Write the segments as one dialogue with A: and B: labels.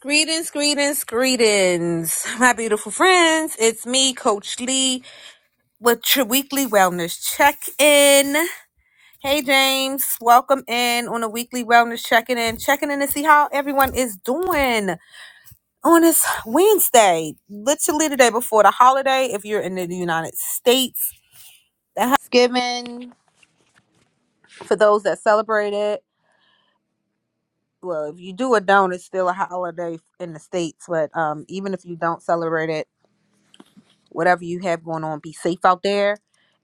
A: Greetings, greetings, greetings, my beautiful friends. It's me, Coach Lee, with your weekly wellness check in. Hey, James, welcome in on a weekly wellness check in, checking in to see how everyone is doing on this Wednesday, literally the day before the holiday. If you're in the United States, Thanksgiving for those that celebrate it. Well, if you do or don't, it's still a holiday in the States, but um, even if you don't celebrate it, whatever you have going on, be safe out there.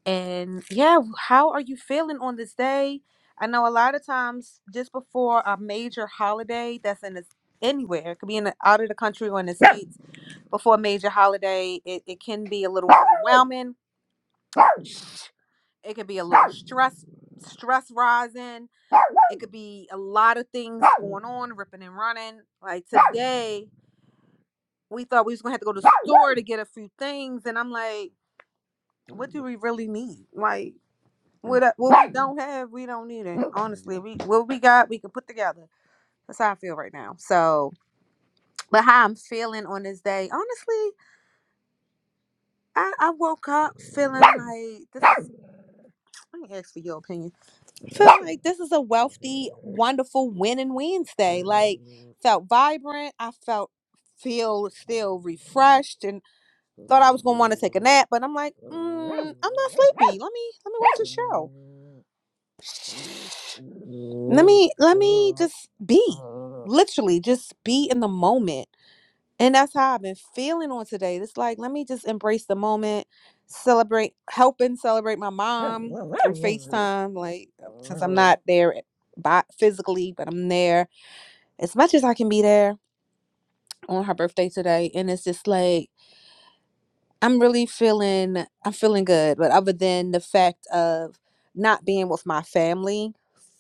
A: And yeah, how are you feeling on this day? I know a lot of times just before a major holiday that's in this, anywhere, it could be in the, out of the country or in the states, before a major holiday, it, it can be a little overwhelming. It could be a little stress stress rising. It could be a lot of things going on, ripping and running. Like today, we thought we was gonna have to go to the store to get a few things, and I'm like, what do we really need? Like What I- what we don't have, we don't need it. Honestly, we what we got, we can put together. That's how I feel right now. So, but how I'm feeling on this day, honestly, I, I woke up feeling like this. Is, let me ask for your opinion. Feeling like this is a wealthy, wonderful winning Wednesday. Like felt vibrant. I felt feel still refreshed and thought I was gonna want to take a nap, but I'm like, mm, I'm not sleepy. Let me let me watch a show. let me let me just be literally just be in the moment and that's how i've been feeling on today it's like let me just embrace the moment celebrate helping celebrate my mom through facetime like since i'm not there by physically but i'm there as much as i can be there on her birthday today and it's just like I'm really feeling I'm feeling good, but other than the fact of not being with my family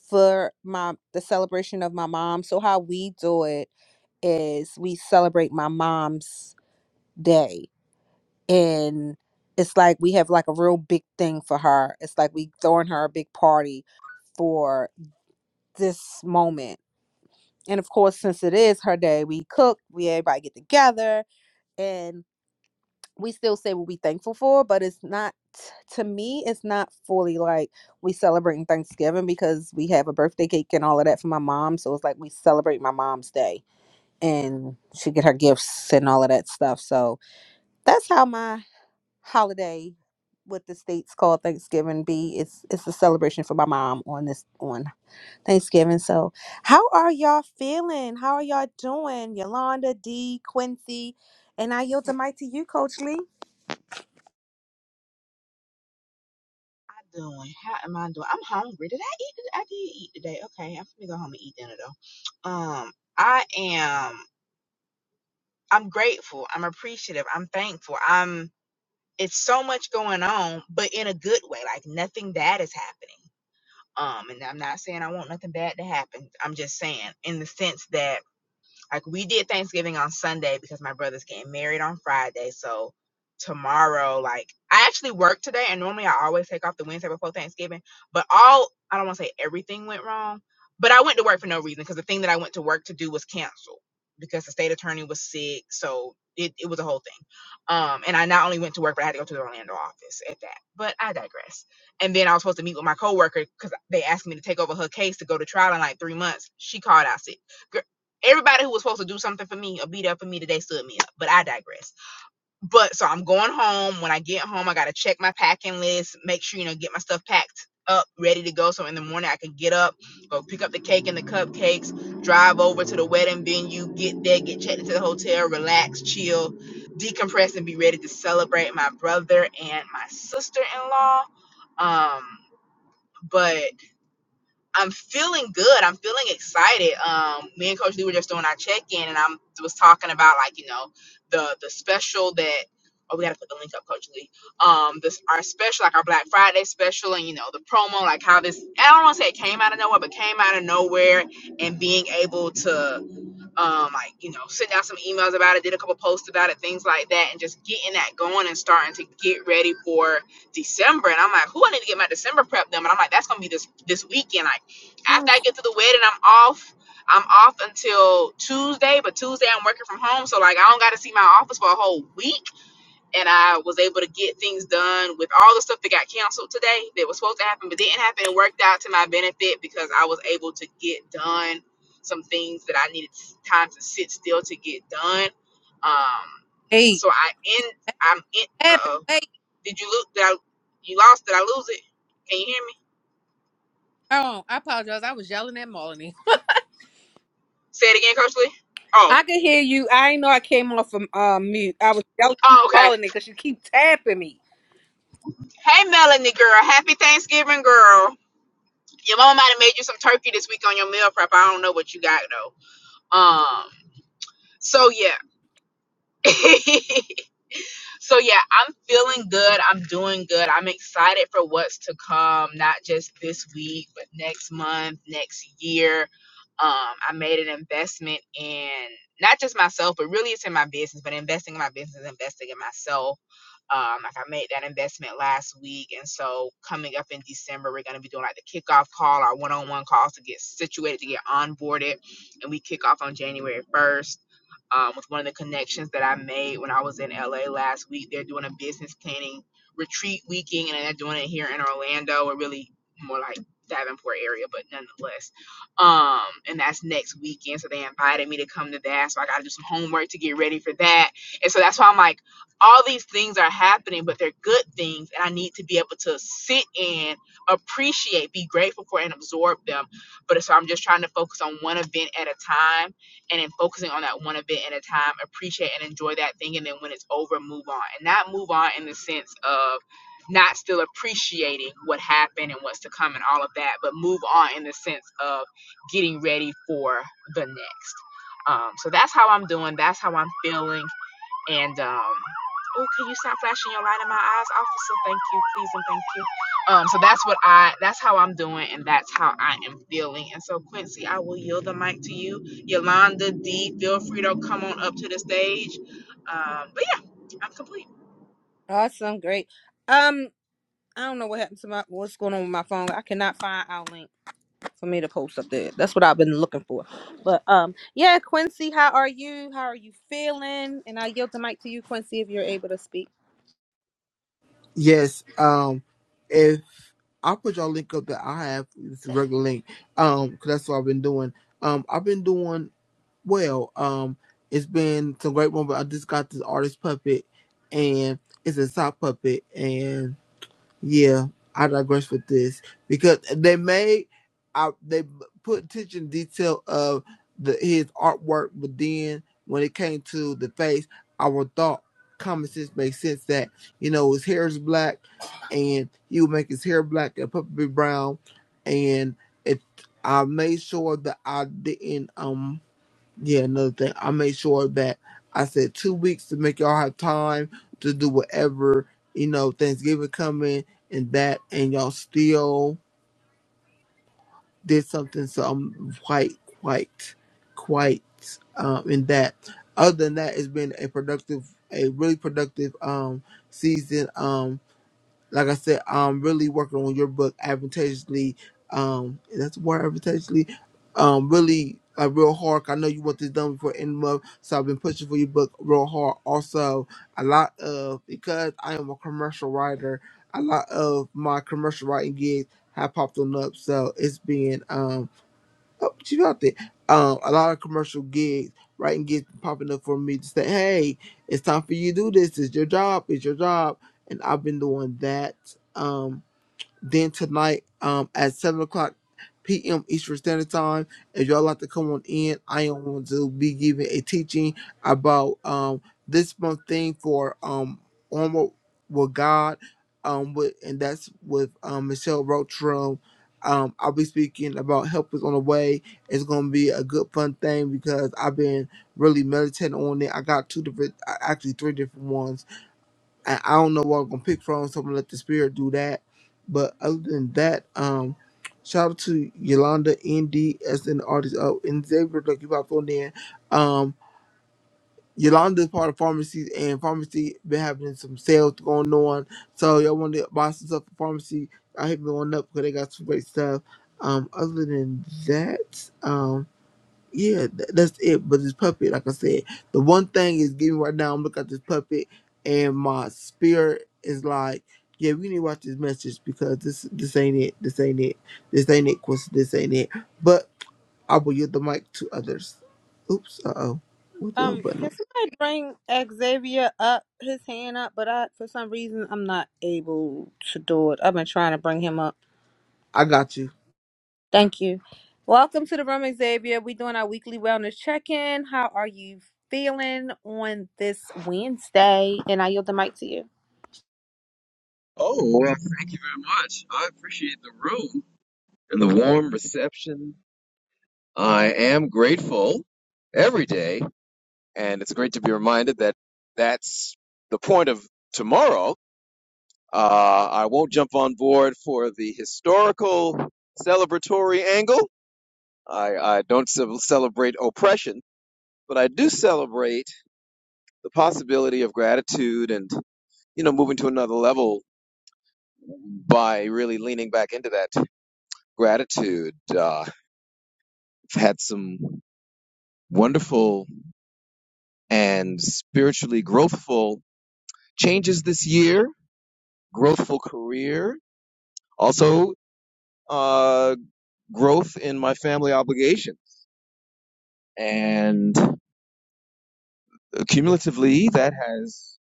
A: for my the celebration of my mom. So how we do it is we celebrate my mom's day and it's like we have like a real big thing for her. It's like we throwing her a big party for this moment. And of course, since it is her day, we cook, we everybody get together and. we still say what we thankful for, but it's not to me, it's not fully like we celebrating Thanksgiving because we have a birthday cake and all of that for my mom. So it's like we celebrate my mom's day and she get her gifts and all of that stuff. So that's how my holiday what the states call Thanksgiving be. It's it's a celebration for my mom on this on Thanksgiving. So how are y'all feeling? How are y'all doing? Yolanda, D, Quincy, and I yield the mic to you, Coach Lee.
B: I doing? How am I doing? I'm hungry. Did I eat? I did eat today. Okay, I'm gonna go home and eat dinner though. Um, I am. I'm grateful. I'm appreciative. I'm thankful. I'm. It's so much going on, but in a good way. Like nothing bad is happening. Um, and I'm not saying I want nothing bad to happen. I'm just saying in the sense that like we did Thanksgiving on Sunday because my brother's getting married on Friday. So tomorrow, like I actually work today and normally I always take off the Wednesday before Thanksgiving. But all I don't want to say everything went wrong. But I went to work for no reason because the thing that I went to work to do was canceled because the state attorney was sick. So it, it was a whole thing. Um, and I not only went to work, but I had to go to the Orlando office at that. But I digress. And then I was supposed to meet with my coworker because they asked me to take over her case to go to trial in like three months. She called out sick. Gr- everybody who was supposed to do something for me or be there for me today stood me up. But I digress. But so I'm going home. When I get home, I gotta check my packing list, make sure you know get my stuff packed up, ready to go. So in the morning I can get up, go pick up the cake and the cupcakes, drive over to the wedding venue, get there, get checked into the hotel, relax, chill, decompress, and be ready to celebrate my brother and my sister in law. Um, but I'm feeling good. I'm feeling excited. Um, me and Coach Lee were just doing our check in, and I am was talking about like you know the the special that oh we gotta put the link up, Coach Lee. Um, this our special like our Black Friday special, and you know the promo like how this I don't want to say it came out of nowhere, but came out of nowhere, and being able to um, like you know, sent out some emails about it, did a couple posts about it, things like that, and just getting that going and starting to get ready for December. And I'm like, who I need to get my December prep done? And I'm like, that's gonna be this this weekend. Like after I get to the wedding, I'm off. I'm off until Tuesday, but Tuesday I'm working from home, so like I don't got to see my office for a whole week and I was able to get things done with all the stuff that got canceled today that was supposed to happen but didn't happen. It worked out to my benefit because I was able to get done some things that I needed time to sit still to get done. Um,
A: Hey.
B: so I end. I'm in. Uh
A: happened?
B: oh.
A: Wait,
B: Did you lose? Did I? You lost? Did I lose it? Can you hear me?
A: oh, I apologize. I was yelling at Melanie.
B: Say it again, Coach Lee. Oh.
A: I could hear you. I ain't know I came off from uh, mute. I was yelling at
B: Oh, okay.
A: Melanie because you keep tapping me.
B: Hey, Melanie girl. Happy Thanksgiving, girl. Your mama might have made you some turkey this week on your meal prep. I don't know what you got though. Um. So yeah. so yeah, I'm feeling good. I'm doing good. I'm excited for what's to come, not just this week, but next month, next year. Um, I made an investment in not just myself, but really it's in my business, but investing in my business, investing in myself. Um, like I made that investment last week. And so coming up in December, we're gonna be doing like the kickoff call, our one-on-one calls to get situated, to get onboarded. And we kick off on January 1st um, with one of the connections that I made when I was in LA last week. They're doing a business planning retreat weekend, and they're doing it here in Orlando, or really more like Davenport area, but nonetheless. Um, and that's next weekend, so they invited me to come to that. So I got to do some homework to get ready for that, and so that's why I'm like, all these things are happening, but they're good things, and I need to be able to sit in, appreciate, be grateful for, and absorb them. But so I'm just trying to focus on one event at a time and then focusing on that one event at a time, appreciate and enjoy that thing, and then when it's over, move on. And not move on in the sense of not still appreciating what happened and what's to come and all of that, but move on in the sense of getting ready for the next. Um, so that's how I'm doing. That's how I'm feeling. And um, oh, can you stop flashing your light in my eyes, officer? Thank you, please, and thank you. Um, so that's what I, that's how I'm doing, and that's how I am feeling. And so, Quincy, I will yield the mic to you. Yolanda D, feel free to come on up to the stage. Um, but yeah, I'm complete.
A: Awesome, great. Um, I don't know what happened to my what's going on with my phone. I cannot find our link. for me to post up there. That's what I've been looking for. But um, yeah, Quincy, how are you? How are you feeling? And I yield the mic to you, Quincy, if you're able to speak.
C: Yes. Um, if I'll put y'all link up that I have it's a regular link. Um, 'cause that's what I've been doing. Um, I've been doing well. Um, it's been some great one, but I just got this artist puppet, and it's a sock puppet, and. Yeah, I digress with this because they made, I, they put attention detail of the his artwork, but then when it came to the face, I would thought common sense made sense that you know his hair is black, and he would make his hair black and puppy brown, and it I made sure that I didn't um yeah, another thing. I made sure that I said two weeks to make y'all have time to do whatever, you know, Thanksgiving coming and that and y'all still did something so I'm quite quite quite um in that. Other than that it's been a productive a really productive um season. Um like I said, um, really working on your book advantageously. Um, that's the word advantageously. Um, really like real hard. 'cause I know you want this done before end of the month, so I've been pushing for your book real hard. Also, a lot of because I am a commercial writer, a lot of my commercial writing gigs have popped on up. So it's been um Oh, she's out there. Um, a lot of commercial gigs, writing gigs popping up for me to say, "Hey, it's time for you to do this. It's your job. It's your job." And I've been doing that. um, then tonight um, at 7 o'clock p.m. Eastern Standard Time, if y'all like to come on in, I am going to be giving a teaching about um, this month thing for um, Onward with God. Um, with, and that's with um, Michelle Roach um, I'll be speaking about help is on the way. It's gonna be a good fun thing because I've been really meditating on it. I got two different, uh, actually three different ones I, I don't know what I'm gonna pick from, so I'm gonna let the spirit do that. But other than that, um, shout out to Yolanda ND as an artist Oh, and Xavier like you about on there. Um Yolanda is part of pharmacy and pharmacy been having some sales going on. So y'all wanna buy some stuff for pharmacy, I hit me on up because they got some great stuff. Um other than that, um yeah, th- that's it. But this puppet, like I said, the one thing is giving right now. I'm looking at this puppet, and my spirit is like, yeah, we need to watch this message because this this ain't it. This ain't it. This ain't it. Quincy, this ain't it. But I will yield the mic to others. Oops. Uh oh. What the hell
A: Um,
C: button? on?
A: can somebody bring Xavier up, his hand up? But I, for some reason, I'm not able to do it. I've been trying to bring him up.
C: I got you.
A: Thank you. Welcome to the room, Xavier. We're doing our weekly wellness check in. How are you feeling on this Wednesday? And I yield the mic to you.
D: Oh, well, thank you very much. I appreciate the room and the warm reception. I am grateful every day, and it's great to be reminded that that's the point of tomorrow. Uh, I won't jump on board for the historical celebratory angle. I, I don't ce- celebrate oppression, but I do celebrate the possibility of gratitude and, you know, moving to another level by really leaning back into that gratitude. Uh, I've had some wonderful and spiritually growthful changes this year, growthful career, also uh, growth in my family obligations. And cumulatively, that has,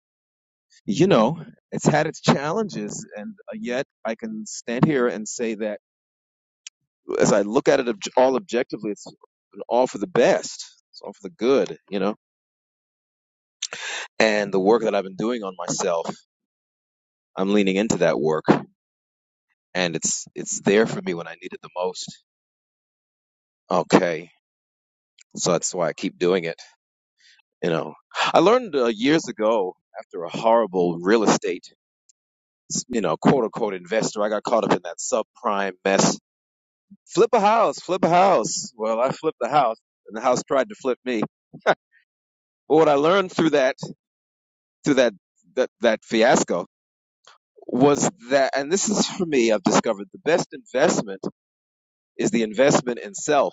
D: you know, it's had its challenges. And uh, yet, I can stand here and say that as I look at it obj- all objectively, it's all for the best, it's all for the good, you know. And the work that I've been doing on myself, I'm leaning into that work and it's it's there for me when I need it the most. Okay, so that's why I keep doing it. You know, I learned uh, years ago after a horrible real estate, you know, quote unquote investor. I got caught up in that subprime mess. Flip a house, flip a house. Well, I flipped the house, and the house tried to flip me. but what I learned through that through that that that fiasco was that, and this is for me, I've discovered the best investment is the investment in self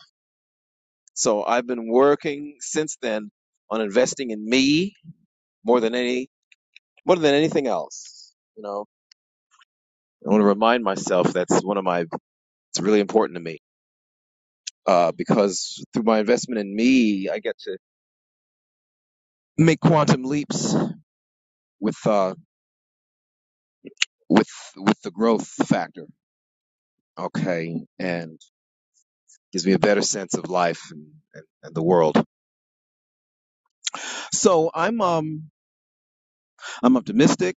D: So I've been working since then on investing in me more than any more than anything else. You know, I want to remind myself that's one of my it's really important to me uh, because through my investment in me, I get to make quantum leaps with uh, with with the growth factor. Okay, and gives me a better sense of life and, and, and the world. So I'm um I'm optimistic.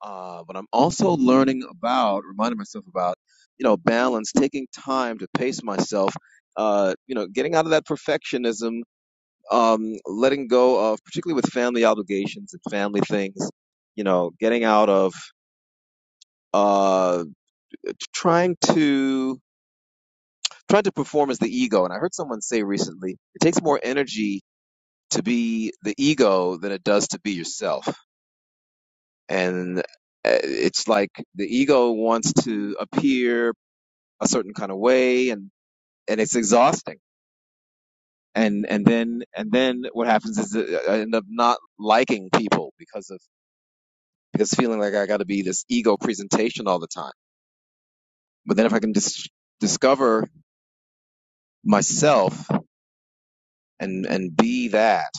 D: Uh, but I'm also learning about, reminding myself about, you know, balance, taking time to pace myself, uh, you know, getting out of that perfectionism, um, letting go of, particularly with family obligations and family things, you know, getting out of uh, trying to trying to perform as the ego. And I heard someone say recently, it takes more energy to be the ego than it does to be yourself. And uh, it's like the ego wants to appear a certain kind of way and and it's exhausting and and then and then what happens is uh, i end up not liking people because of because feeling like i got to be this ego presentation all the time but then if i can dis- discover myself and and be that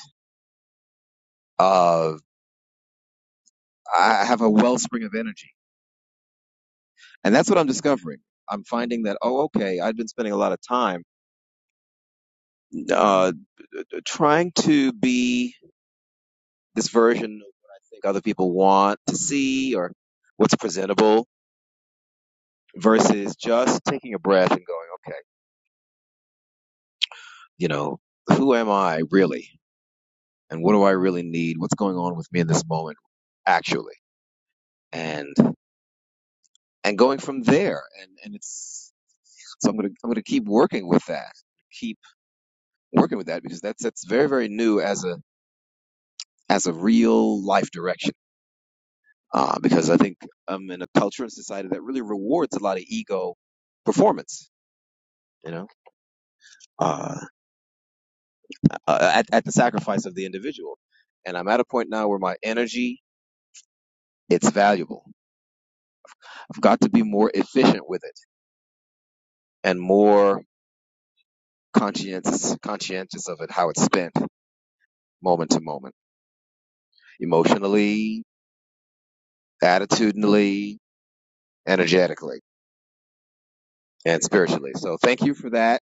D: uh i have a wellspring of energy and that's what i'm discovering i'm finding that oh okay i've been spending a lot of time uh trying to be this version of what i think other people want to see or what's presentable versus just taking a breath and going, okay, you know, who am I really? And what do I really need? What's going on with me in this moment actually? And and going from there. And and it's so I'm gonna I'm gonna keep working with that. Keep working with that because that's that's very, very new as a as a real life direction. Uh, because I think I'm in a culture and society that really rewards a lot of ego performance, you know. Uh, uh, at, at the sacrifice of the individual. And I'm at a point now where my energy, it's valuable. I've got to be more efficient with it and more conscientious, conscientious of it, how it's spent moment to moment, emotionally, attitudinally, energetically, and spiritually. So thank you for that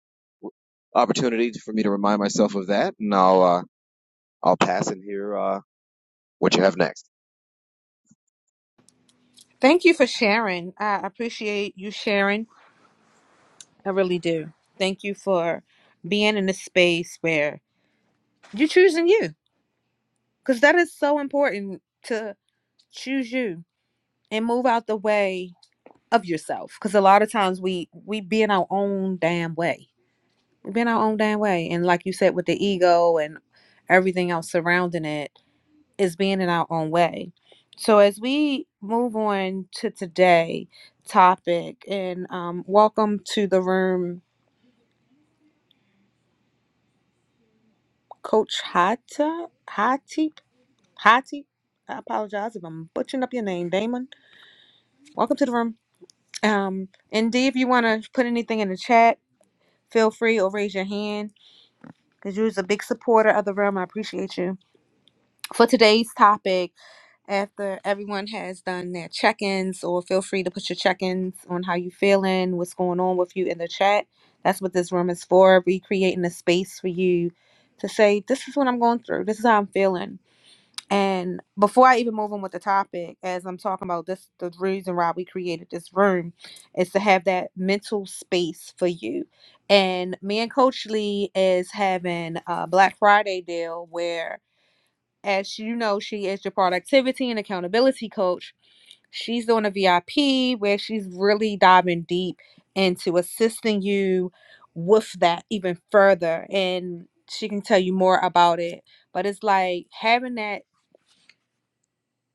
D: opportunity for me to remind myself of that. And I'll, uh, I'll pass and hear, uh, what you have next.
A: Thank you for sharing. I appreciate you sharing. I really do. Thank you for being in a space where you're choosing you because that is so important to choose you and move out the way of yourself because a lot of times we we be in our own damn way been our own damn way. And like you said, with the ego and everything else surrounding it, is being in our own way. So as we move on to today topic, and um, welcome to the room, Coach Hata Hati Hati. I apologize if I'm butchering up your name, Damon. Welcome to the room. Um, and D, if you want to put anything in the chat, feel free or raise your hand because you're a big supporter of the room. I appreciate you. For today's topic, after everyone has done their check-ins or feel free to put your check-ins on how you feeling what's going on with you in the chat that's what this room is for we creating a space for you to say this is what i'm going through this is how i'm feeling and before i even move on with the topic as i'm talking about this the reason why we created this room is to have that mental space for you and me and coach lee is having a black friday deal where. As you know, she is your productivity and accountability coach. She's doing a VIP where she's really diving deep into assisting you with that even further. And she can tell you more about it. But it's like having that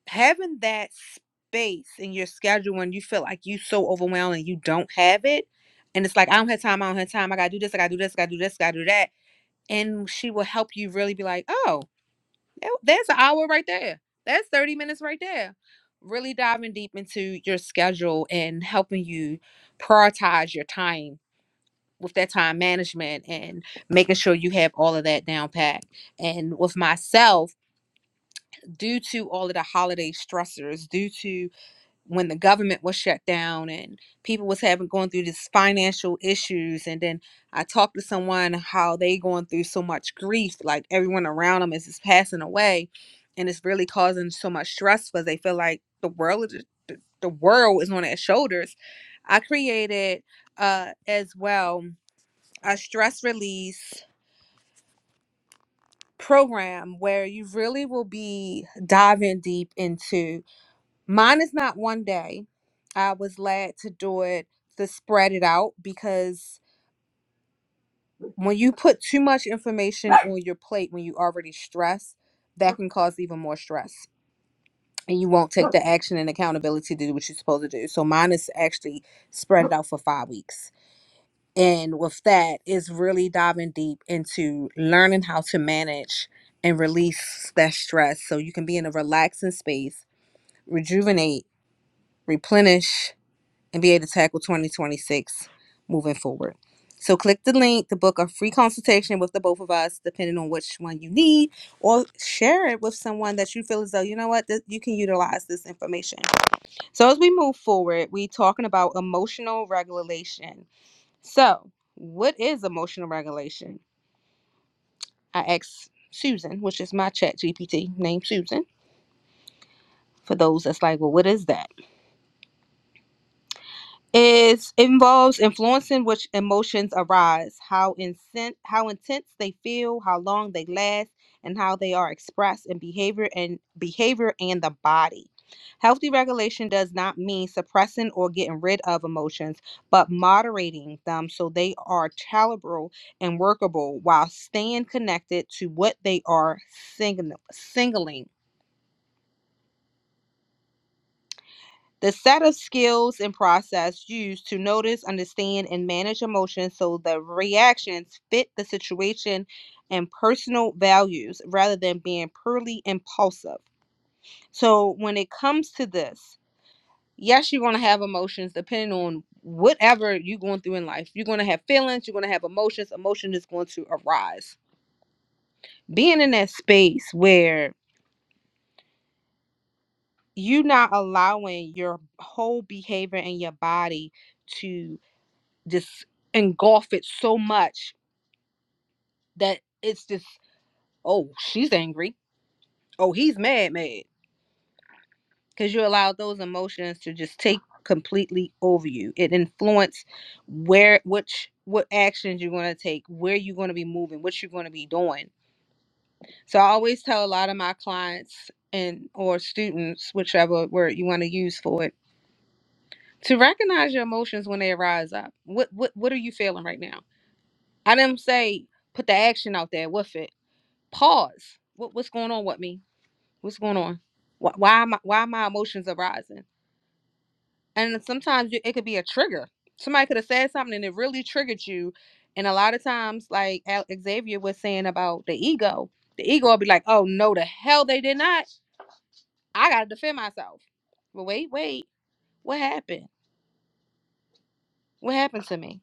A: having that space in your schedule when you feel like you so overwhelmed and you don't have it. And it's like I don't have time, I don't have time, I gotta do this, I gotta do this, I gotta do this, I gotta do that. And she will help you really be like, oh, that- That's an hour right there. That's 30 minutes right there. Really diving deep into your schedule and helping you prioritize your time with that time management and making sure you have all of that down pat. And with myself, due to all of the holiday stressors, due to when the government was shut down and people was having going through these financial issues and then i talked to someone how they going through so much grief like everyone around them is just passing away and it's really causing so much stress because they feel like the world is the, the world is on their shoulders i created uh as well a stress release program where you really will be diving deep into Mine is not one day. I was glad to do it to spread it out because when you put too much information on your plate when you already stress, that can cause even more stress. And you won't take the action and accountability to do what you're supposed to do. So mine is actually spread it out for five weeks. And with that is really diving deep into learning how to manage and release that stress so you can be in a relaxing space, rejuvenate, replenish, and be able to tackle 2026 moving forward. So click the link to book a free consultation with the both of us, depending on which one you need, or share it with someone that you feel as though, you know what, this, you can utilize this information. So as we move forward, we talking about emotional regulation. So what is emotional regulation? I asked Susan, which is my chat GPT named Susan, for those that's like, well, what is that? is involves influencing which emotions arise, how incent, how intense they feel, how long they last, and how they are expressed in behavior and behavior and the body. Healthy regulation does not mean suppressing or getting rid of emotions, but moderating them so they are tolerable and workable while staying connected to what they are signal, signaling. The set of skills and process used to notice, understand, and manage emotions so the reactions fit the situation and personal values rather than being purely impulsive. So, when it comes to this, yes, you're going to have emotions depending on whatever you're going through in life. You're going to have feelings, you're going to have emotions, emotion is going to arise. Being in that space where you're not allowing your whole behavior and your body to just engulf it so much that it's just oh she's angry oh he's mad mad because you allow those emotions to just take completely over you it influences where which what actions you're going to take where you're going to be moving what you're going to be doing so i always tell a lot of my clients and or students whichever word you want to use for it to recognize your emotions when they arise up what what what are you feeling right now i didn't say put the action out there with it pause. What what's going on with me? What's going on? Why, why am I, why my emotions are rising? And sometimes you, it could be a trigger. Somebody could have said something and it really triggered you. And a lot of times, like Al- Xavier was saying about the ego, the ego will be like, "Oh no, the hell they did not! I gotta defend myself." But wait, wait, what happened? What happened to me?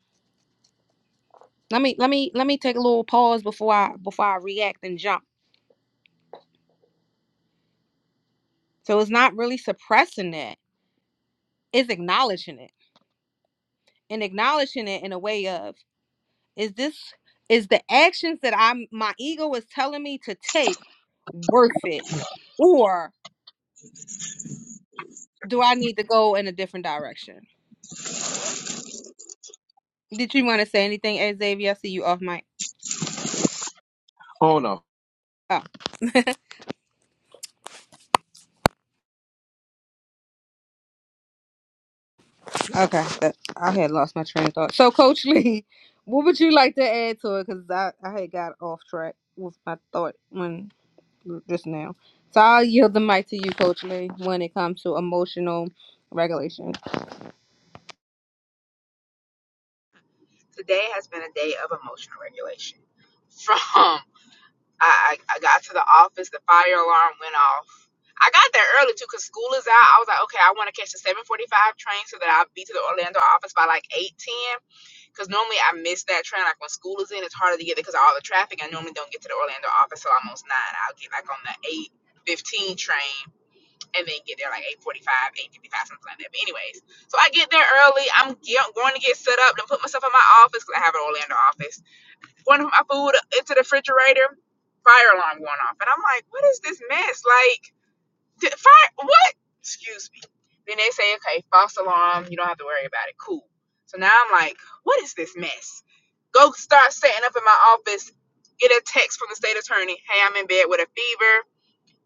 A: Let me let me let me take a little pause before I before I react and jump. So it's not really suppressing it; it's acknowledging it and acknowledging it in a way of Is this is the actions that I'm my ego is telling me to take worth it? Or do I need to go in a different direction? Did you want to say anything, eh, Xavier? I see you off mic.
D: Oh no.
A: Oh, okay. That- I had lost my train of thought. So, Coach Lee, what would you like to add to it? Because I, I had got off track with my thought when just now. So I'll yield the mic to you, Coach Lee, when it comes to emotional regulation.
B: Today has been a day of emotional regulation. From I, I I got to the office. The fire alarm went off. I got there early too, cause school is out. I was like, okay, I want to catch the seven forty five train so that I'll be to the Orlando office by like eight ten. Cause normally I miss that train. Like when school is in, it's harder to get there because of all the traffic. I normally don't get to the Orlando office till almost nine. I'll get like on the eight fifteen train and then get there like 845 855 something like that but anyways so i get there early i'm ge- going to get set up and put myself in my office because i have an orlando office one of my food into the refrigerator, fire alarm going off. And I'm like, what is this mess? Like, did, fire, what? Excuse me. Then they say, okay, false alarm. You don't have to worry about it. Cool. So now I'm like, what is this mess? Go start setting up in my office, get a text from the state attorney. Hey, I'm in bed with a fever.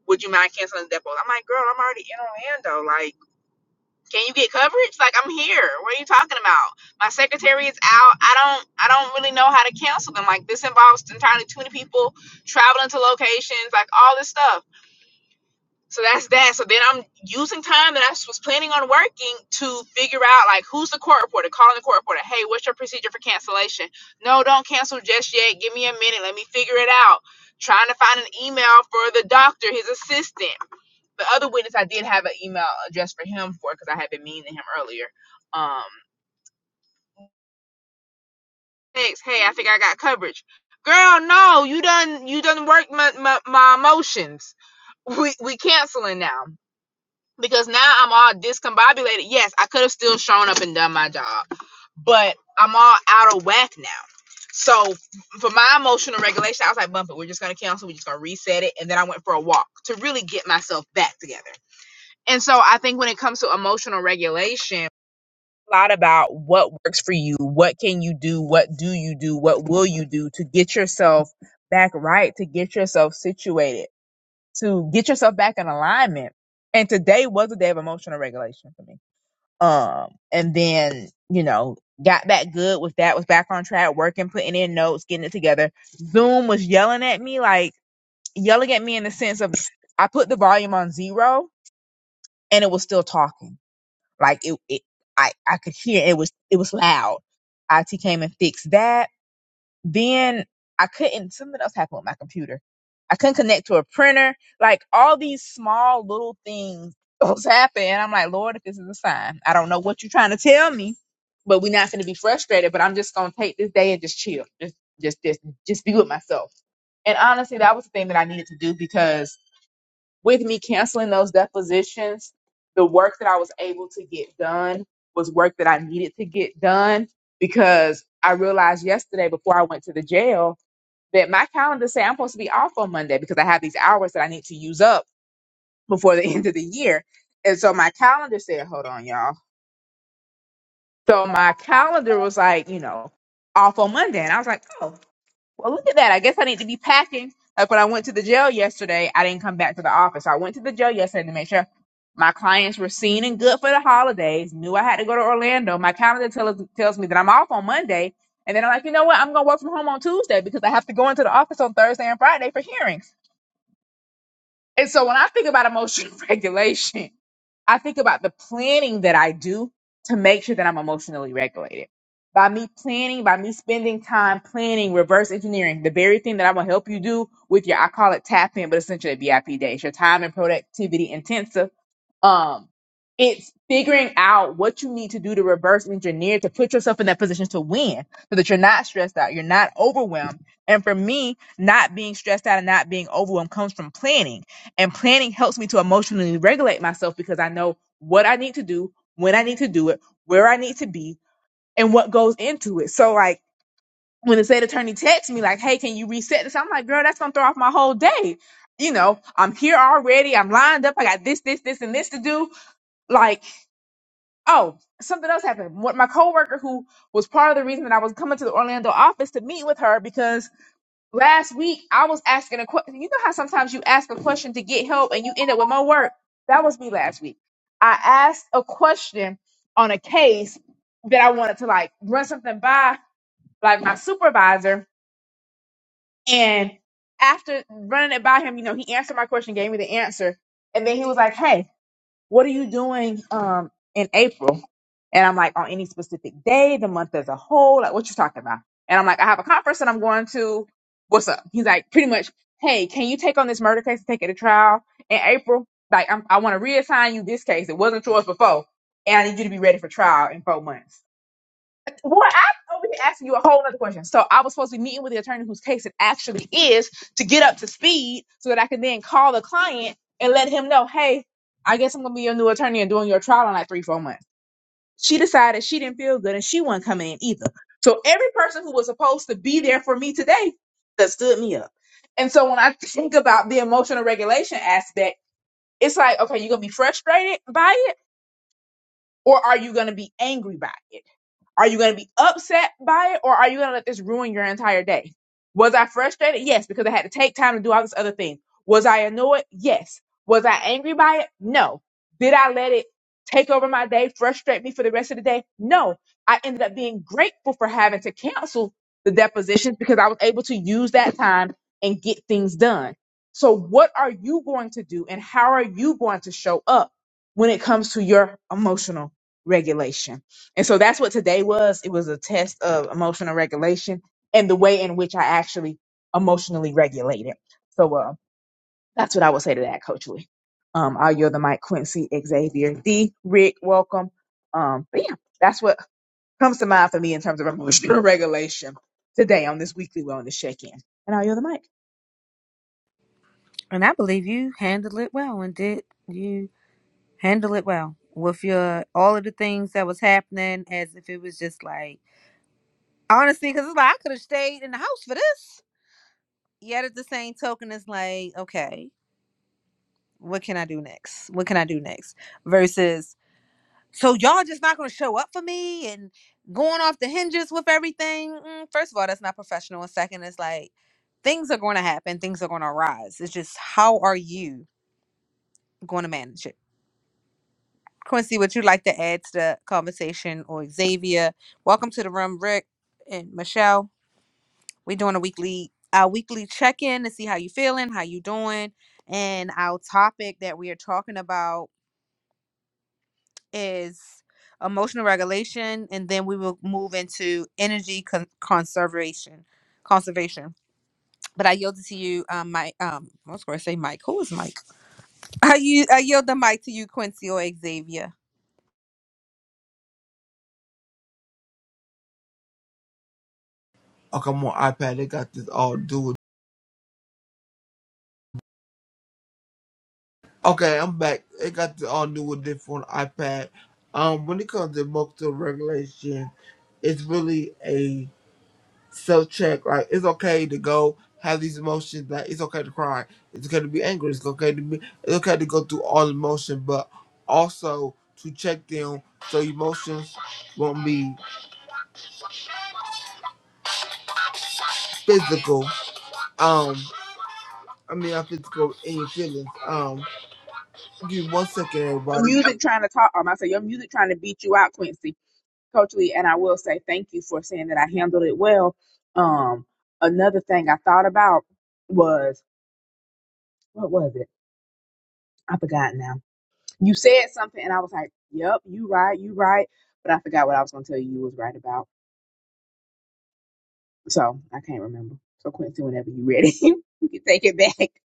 B: Would you mind canceling the depo? I'm like, girl, I'm already in Orlando. Like." Can you get coverage? Like I'm here. What are you talking about? My secretary is out. I don't I don't really know how to cancel them. Like this involves entirely too many people traveling to locations, like all this stuff. So that's that. So then I'm using time that I was planning on working to figure out like who's the court reporter, calling the court reporter. Hey, what's your procedure for cancellation? No, don't cancel just yet. Give me a minute. Let me figure it out. Trying to find an email for the doctor, his assistant the other witness I did have an email address for him for because I had been mean to him earlier. Um, thanks. Hey, I think I got coverage. Girl, no, you done you done worked my my, my emotions. We we canceling now because now I'm all discombobulated. Yes, I could have still shown up and done my job, but I'm all out of whack now. So for my emotional regulation, I was like, bump it. We're just gonna cancel. We're just gonna reset it, and then I went for a walk to really get myself back together. And so I think when it comes to emotional regulation, a lot about what works for you, what can you do, what do you do, what will you do to get yourself back right, to get yourself situated, to get yourself back in alignment. And today was a day of emotional regulation for me. Um, and then, you know, got back good with that, was back on track, working, putting in notes, getting it together. Zoom was yelling at me, like yelling at me in the sense of I put the volume on zero and it was still talking like it, it I, I could hear it was it was loud. IT came and fixed that. Then I couldn't something else happened with my computer. I couldn't connect to a printer. Like all these small little things was happening. And I'm like, Lord, if this is a sign. I don't know what you're trying to tell me, but we're not gonna be frustrated, but I'm just gonna take this day and just chill. Just just just just be with myself. And honestly, that was the thing that I needed to do because with me canceling those depositions, the work that I was able to get done was work that I needed to get done because I realized yesterday before I went to the jail that my calendar said I'm supposed to be off on Monday because I have these hours that I need to use up before the end of the year. And so my calendar said, hold on, y'all. So my calendar was like, you know, off on Monday. And I was like, oh, well, look at that. I guess I need to be packing. Like when I went to the jail yesterday, I didn't come back to the office. I went to the jail yesterday to make sure my clients were seen and good for the holidays. Knew I had to go to Orlando. My calendar tells tells me that I'm off on Monday, and then I'm like, you know what? I'm gonna work from home on Tuesday because I have to go into the office on Thursday and Friday for hearings. And so when I think about emotional regulation, I think about the planning that I do to make sure that I'm emotionally regulated. By me planning, by me spending time planning, reverse engineering, the very thing that I'm gonna help you do with your, I call it tap in, but essentially BIP day. It's your time and productivity intensive um it's figuring out what you need to do to reverse engineer to put yourself in that position to win so that you're not stressed out you're not overwhelmed and for me not being stressed out and not being overwhelmed comes from planning and planning helps me to emotionally regulate myself because i know what i need to do when i need to do it where i need to be and what goes into it so like when the state attorney texts me like hey can you reset this i'm like girl that's gonna throw off my whole day you know i'm here already i'm lined up i got this this this and this to do like, oh, something else happened. What my coworker who was part of the reason that I was coming to the Orlando office to meet with her because last week I was asking a question. You know how sometimes you ask a question to get help and you end up with more work? That was me last week. I asked a question on a case that I wanted to like run something by like my supervisor and after running it by him, you know, he answered my question, gave me the answer, and then he was like, "Hey, what are you doing um in April? And I'm like, on any specific day, the month as a whole, like what you talking about? And I'm like, I have a conference that I'm going to. What's up? He's like, pretty much, hey, can you take on this murder case and take it to trial in April? Like, I'm, I want to reassign you this case. It wasn't yours before, and I need you to be ready for trial in four months. Well, I'm over here asking you a whole other question. So I was supposed to be meeting with the attorney whose case it actually is to get up to speed so that I can then call the client and let him know, hey, I guess I'm gonna be your new attorney and doing your trial in like three, four months. She decided she didn't feel good and she wasn't coming in either. So every person who was supposed to be there for me today that stood me up. And so when I think about the emotional regulation aspect, it's like, okay, you're gonna be frustrated by it, or are you gonna be angry by it? Are you going to be upset by it or are you going to let this ruin your entire day? Was I frustrated? Yes, because I had to take time to do all this other thing. Was I annoyed? Yes. Was I angry by it? No. Did I let it take over my day, frustrate me for the rest of the day? No. I ended up being grateful for having to cancel the depositions because I was able to use that time and get things done. So, what are you going to do and how are you going to show up when it comes to your emotional regulation? And so that's what today was. It was a test of emotional regulation and the way in which I actually emotionally regulated. So uh, that's what I would say to that, Coach Lee. Um, I'll yield the mic, Quincy, Xavier, D, Rick, welcome. Um, but yeah, that's what comes to mind for me in terms of emotional regulation today on this weekly wellness check-in. And I'll yield the mic.
A: And I believe you handled it well and did you handle it well with your all of the things that was happening as if it was just like honestly because it's like i could have stayed in the house for this yet at the same token it's like okay what can i do next what can i do next versus so y'all just not gonna show up for me and going off the hinges with everything Mm, first of all that's not professional and second it's like things are going to happen things are going to arise it's just how are you going to manage it Quincy, would you like to add to the conversation or Xavier? Welcome to the room, Rick and Michelle. We're doing a weekly our weekly check-in to see how you feeling, how you doing. And our topic that we are talking about is emotional regulation and then we will move into energy con- conservation conservation but i yield it to you um mike um i was going to say mike who is mike i, you, I yield the mic to you quincy or xavier
C: Okay, I'm on iPad. They got this all new. Okay, I'm back. They got this all new and different iPad. Um, when it comes to multiple regulation, it's really a self check. Like it's okay to go have these emotions. Like it's okay to cry. It's okay to be angry. It's okay to be. It's okay to go through all emotion, but also to check them so emotions won't be physical. Um, I mean, not physical in your feelings. Um, give me one second,
B: Your
C: everybody.
B: music trying to talk, um, I say your music trying to beat you out, Quincy. Coach Lee, and I will say thank you for saying that I handled it well. Um, another thing I thought about was what was it? I forgot now. You said something, and I was like, "Yep, you right, you right," but I forgot what I was going to tell you. You was right about, so I can't remember. So Quincy, whenever you ready, you can take it back. What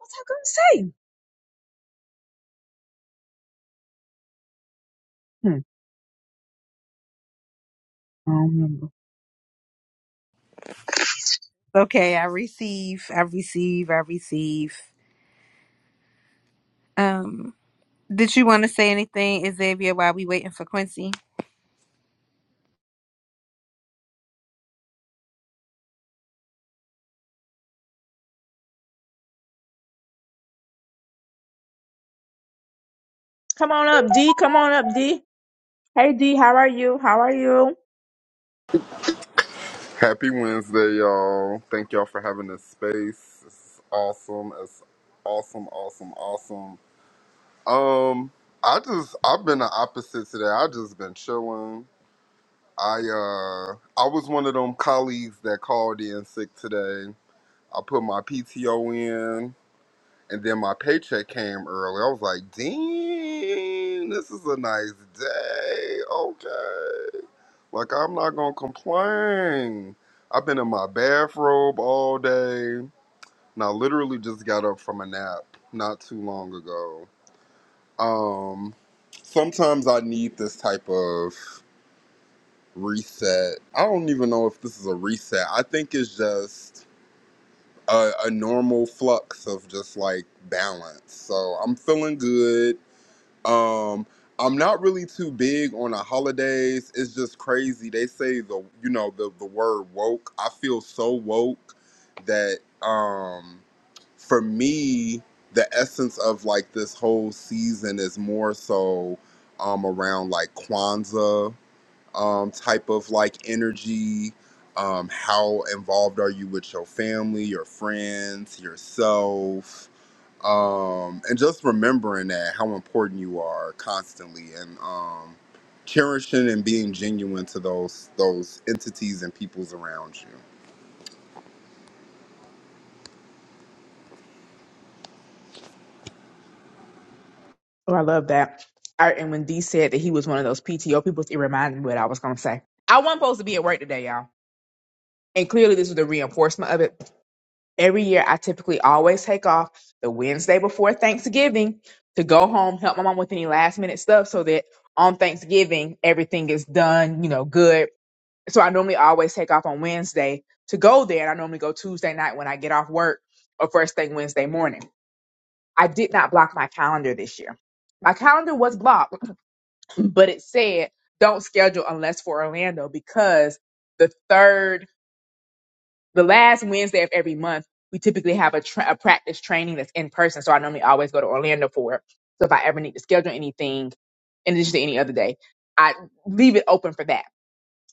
B: was I going to say? Hmm, I don't remember.
A: Okay, I receive, I receive, I receive. Um, did you want to say anything, Xavier, while we waiting for Quincy?
B: Come on up, D. Come on up, D. Hey, D. How are you? How are you?
E: Happy Wednesday, y'all. Thank y'all for having this space. This is awesome. It's awesome, awesome, awesome. Um, I just I've been the opposite today. I just been chilling. I uh I was one of them colleagues that called in sick today. I put my PTO in and then my paycheck came early. I was like, Dean, this is a nice day. Okay. Like I'm not gonna complain. I've been in my bathrobe all day. And I literally just got up from a nap not too long ago. Um sometimes I need this type of reset. I don't even know if this is a reset. I think it's just a, a normal flux of just like balance. So I'm feeling good. Um, I'm not really too big on the holidays. It's just crazy. They say the you know the the word woke. I feel so woke that um for me the essence of like this whole season is more so um around like Kwanzaa um type of like energy. Um, how involved are you with your family, your friends, yourself? um, and just remembering that how important you are constantly and um, cherishing and being genuine to those those entities and peoples around you
B: Oh, I love that. I, and when D said that he was one of those PTO people, it reminded me what I was going to say. I wasn't supposed to be at work today, y'all. And clearly, this was the reinforcement of it. Every year, I typically always take off the Wednesday before Thanksgiving to go home, help my mom with any last minute stuff so that on Thanksgiving, everything is done, you know, good. So I normally always take off on Wednesday to go there. And I normally go Tuesday night when I get off work or first thing Wednesday morning. I did not block my calendar this year. My calendar was blocked but it said don't schedule unless for Orlando because the third, the last Wednesday of every month, we typically have a, tra- a practice training that's in person. So I normally always go to Orlando for it. So if I ever need to schedule anything, in addition to any other day, I leave it open for that.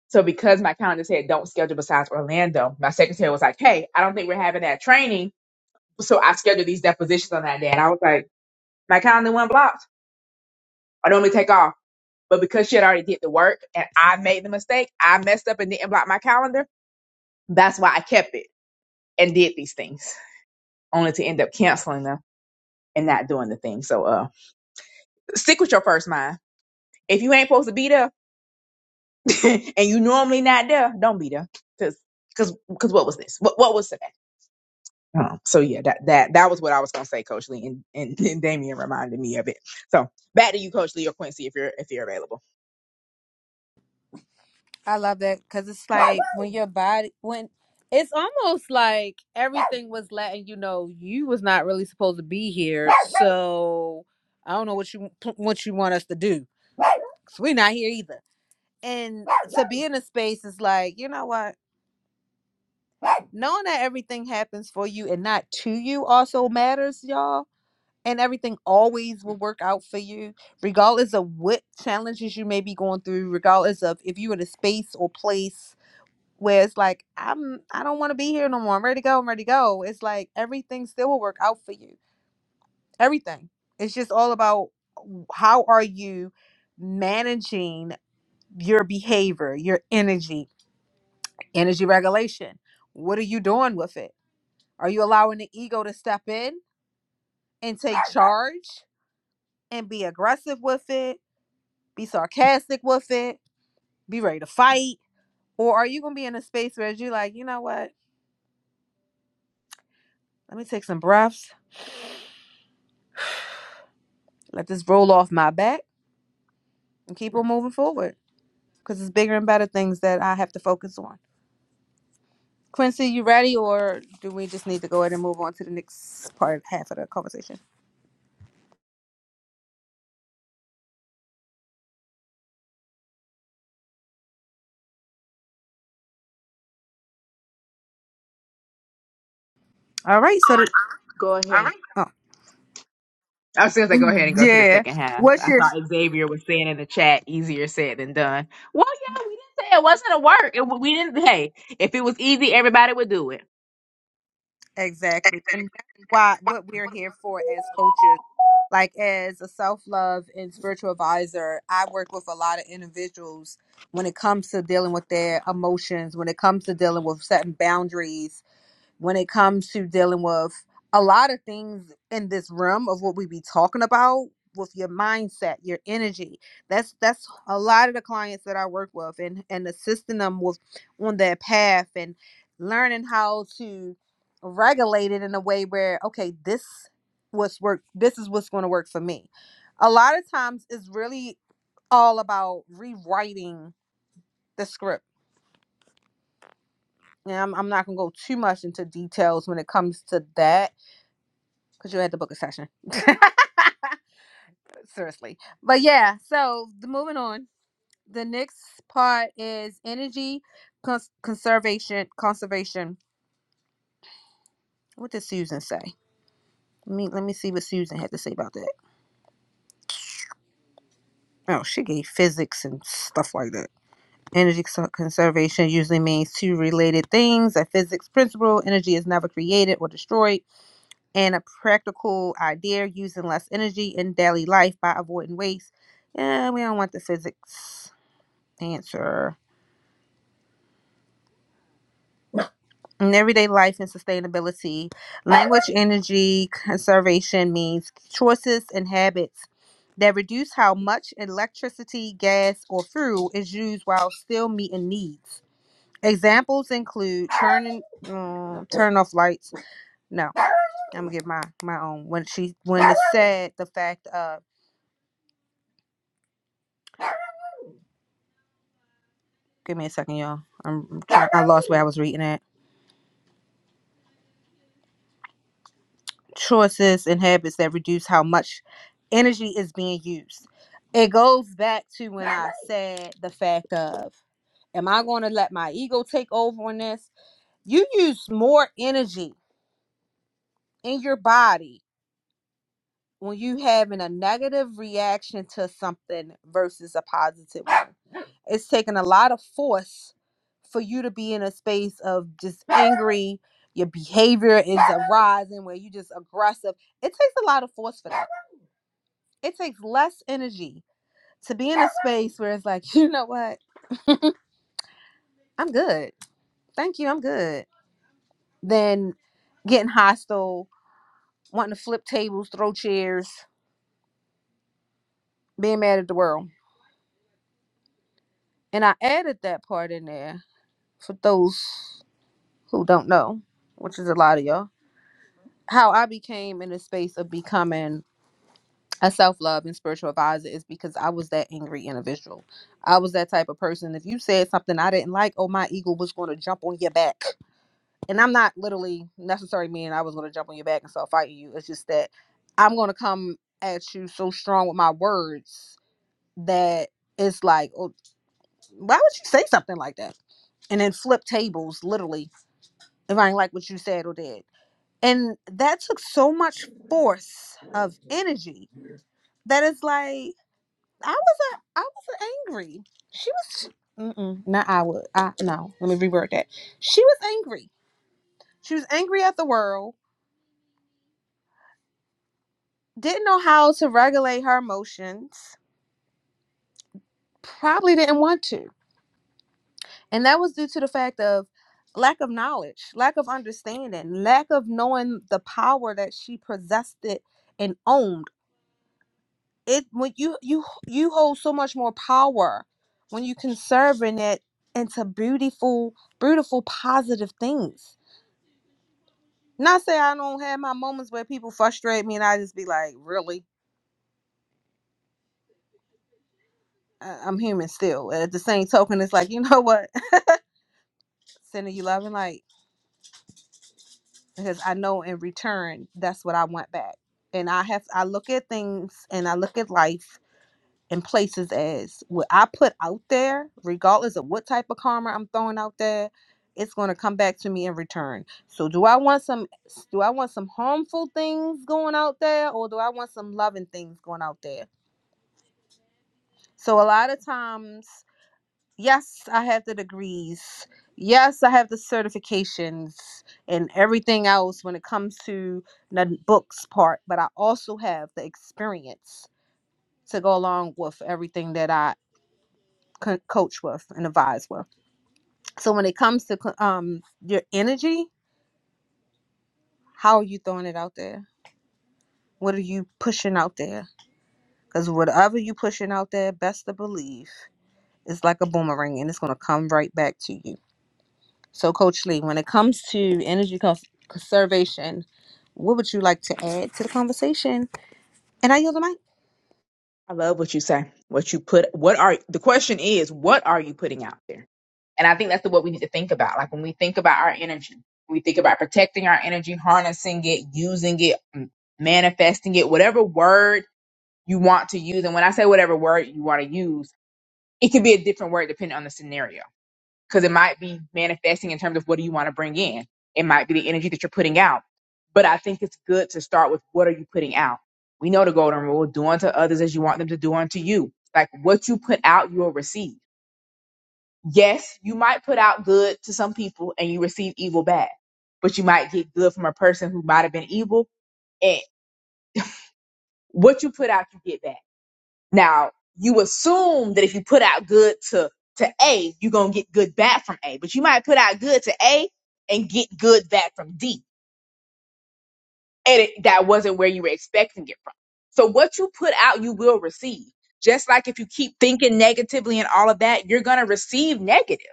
B: So because my calendar said don't schedule besides Orlando, my secretary was like, "Hey, I don't think we're having that training." So I scheduled these depositions on that day, and I was like, "My calendar went blocked. I normally take off." But because she had already did the work and I made the mistake, I messed up and didn't block my calendar. That's why I kept it and did these things, only to end up canceling them and not doing the thing. So uh stick with your first mind. If you ain't supposed to be there and you normally not there, don't be there. Cause cause cause what was this? What what was today? Um, so yeah, that that that was what I was gonna say, Coach Lee, and, and, and Damien reminded me of it. So back to you, Coach Lee or Quincy, if you're if you're available.
A: I love that because it's like when your body, when It's almost like everything was letting you know you was not really supposed to be here. So I don't know what you what you want us to do. So we're not here either. And to be in a space is like, you know what? Knowing that everything happens for you and not to you also matters, y'all. and everything always will work out for you, regardless of what challenges you may be going through, regardless of if you're in a space or place where it's like, I'm I don't want to be here no more. I'm ready to go, I'm ready to go. It's like everything still will work out for you. Everything. It's just all about w- how are you managing your behavior, your energy, energy regulation. What are you doing with it? Are you allowing the ego to step in and take charge and be aggressive with it? be sarcastic with it, be ready to fight? Or are you gonna be in a space where you're like, you know what? Let me take some breaths, let this roll off my back, and keep on moving forward because it's bigger and better things that I have to focus on. Quincy, you ready, or do we just need to go ahead and move on to the next part, half of the conversation? All right. So, the,
B: Go All ahead. right.
A: oh.
B: I was going to go ahead and go to the
A: yeah,
B: second half.
A: what's
B: I
A: your
B: thought Xavier was saying in the chat, easier said than done. Well, yeah, we didn't say it wasn't a work. It, we didn't. Hey, if it was easy, everybody would do it.
A: Exactly. And that's why what we're here for as coaches. Like as a self-love and spiritual advisor, I work with a lot of individuals when it comes to dealing with their emotions, when it comes to dealing with setting boundaries, when it comes to dealing with a lot of things in this realm of what we be talking about with your mindset your energy that's that's a lot of the clients that i work with and and assisting them with on their path and learning how to regulate it in a way where okay this what's work this is what's going to work for me a lot of times it's really all about rewriting the script and I'm, I'm not going to go too much into details when it comes to that because you had to book a session. Seriously. But yeah, so the, moving on. The next part is energy cons- conservation. Conservation. What did Susan say? Let me let me see what Susan had to say about that. Oh, she gave physics and stuff like that. Energy cons- conservation usually means two related things: a physics principle, energy is never created or destroyed, and a practical idea using less energy in daily life by avoiding waste. Yeah, we don't want the physics answer. in everyday life and sustainability, language energy conservation means choices and habits that reduce how much electricity, gas, or fuel is used while still meeting needs. Examples include turning um, turn off lights. No, I'm gonna give my my own when she when it said the fact of. Give me a second, y'all. I'm trying, I lost where I was reading at. choices and habits that reduce how much energy is being used. It goes back to when I said the fact of, am I going to let my ego take over on this? You use more energy in your body when you having a negative reaction to something versus a positive one. It's taking a lot of force for you to be in a space of just angry. Your behavior is arising where you just aggressive. It takes a lot of force for that it takes less energy to be in a space where it's like, you know what, I'm good. Thank you, I'm good. Than getting hostile, wanting to flip tables, throw chairs, being mad at the world. And I added that part in there for those who don't know, which is a lot of y'all. How I became in the space of becoming a self love and spiritual advisor is because I was that angry individual. I was that type of person. If you said something I didn't like, oh, my ego was going to jump on your back and I'm not literally necessarily meaning I was going to jump on your back and start fighting you. It's just that I'm going to come at you so strong with my words that it's like, oh, why would you say something like that? And then flip tables, literally, if I ain't like what you said or did. And that took so much force of energy that it's like I wasn't, I wasn't angry. She was, mm-mm, not I would, I no. Let me reword that. She was angry. She was angry at the world didn't know how to regulate her emotions, probably didn't want to. And that was due to the fact of lack of knowledge, lack of understanding, lack of knowing the power that she possessed it and owned. It when you you you hold so much more power when you conserving it into beautiful, beautiful, positive things. Not say I don't have my moments where people frustrate me and I just be like, really? I- I'm human still. At the same token, it's like, you know what? Sending you love and light because I know in return that's what I want back. And I have I look at things and I look at life and places as what I put out there, regardless of what type of karma I'm throwing out there, it's going to come back to me in return. So do I want some do I want some harmful things going out there or do I want some loving things going out there? So a lot of times Yes, I have the degrees. Yes, I have the certifications and everything else when it comes to the books part, but I also have the experience to go along with everything that I co- coach with and advise with. So when it comes to co- um your energy, how are you throwing it out there? What are you pushing out there? Cuz whatever you pushing out there, best to believe it's like a boomerang and it's going to come right back to you. So, Coach Lee, when it comes to energy cons- conservation, what would you like to add to the conversation? And I yield the mic.
B: I love what you say. What you put. What are the question is? What are you putting out there? And I think that's the, what we need to think about. Like when we think about our energy, we think about protecting our energy, harnessing it, using it, m- manifesting it, whatever word you want to use. And when I say whatever word you want to use, it could be a different word depending on the scenario because it might be manifesting in terms of what do you want to bring in. It might be the energy that you're putting out. But I think it's good to start with what are you putting out? We know the golden rule do unto others as you want them to do unto you. Like what you put out, you will receive. Yes, you might put out good to some people and you receive evil back, but you might get good from a person who might have been evil. And what you put out, you get back. Now, you assume that if you put out good to, to A, you're going to get good back from A, but you might put out good to A and get good back from D. And it, that wasn't where you were expecting it from. So what you put out, you will receive. Just like if you keep thinking negatively and all of that, you're going to receive negative.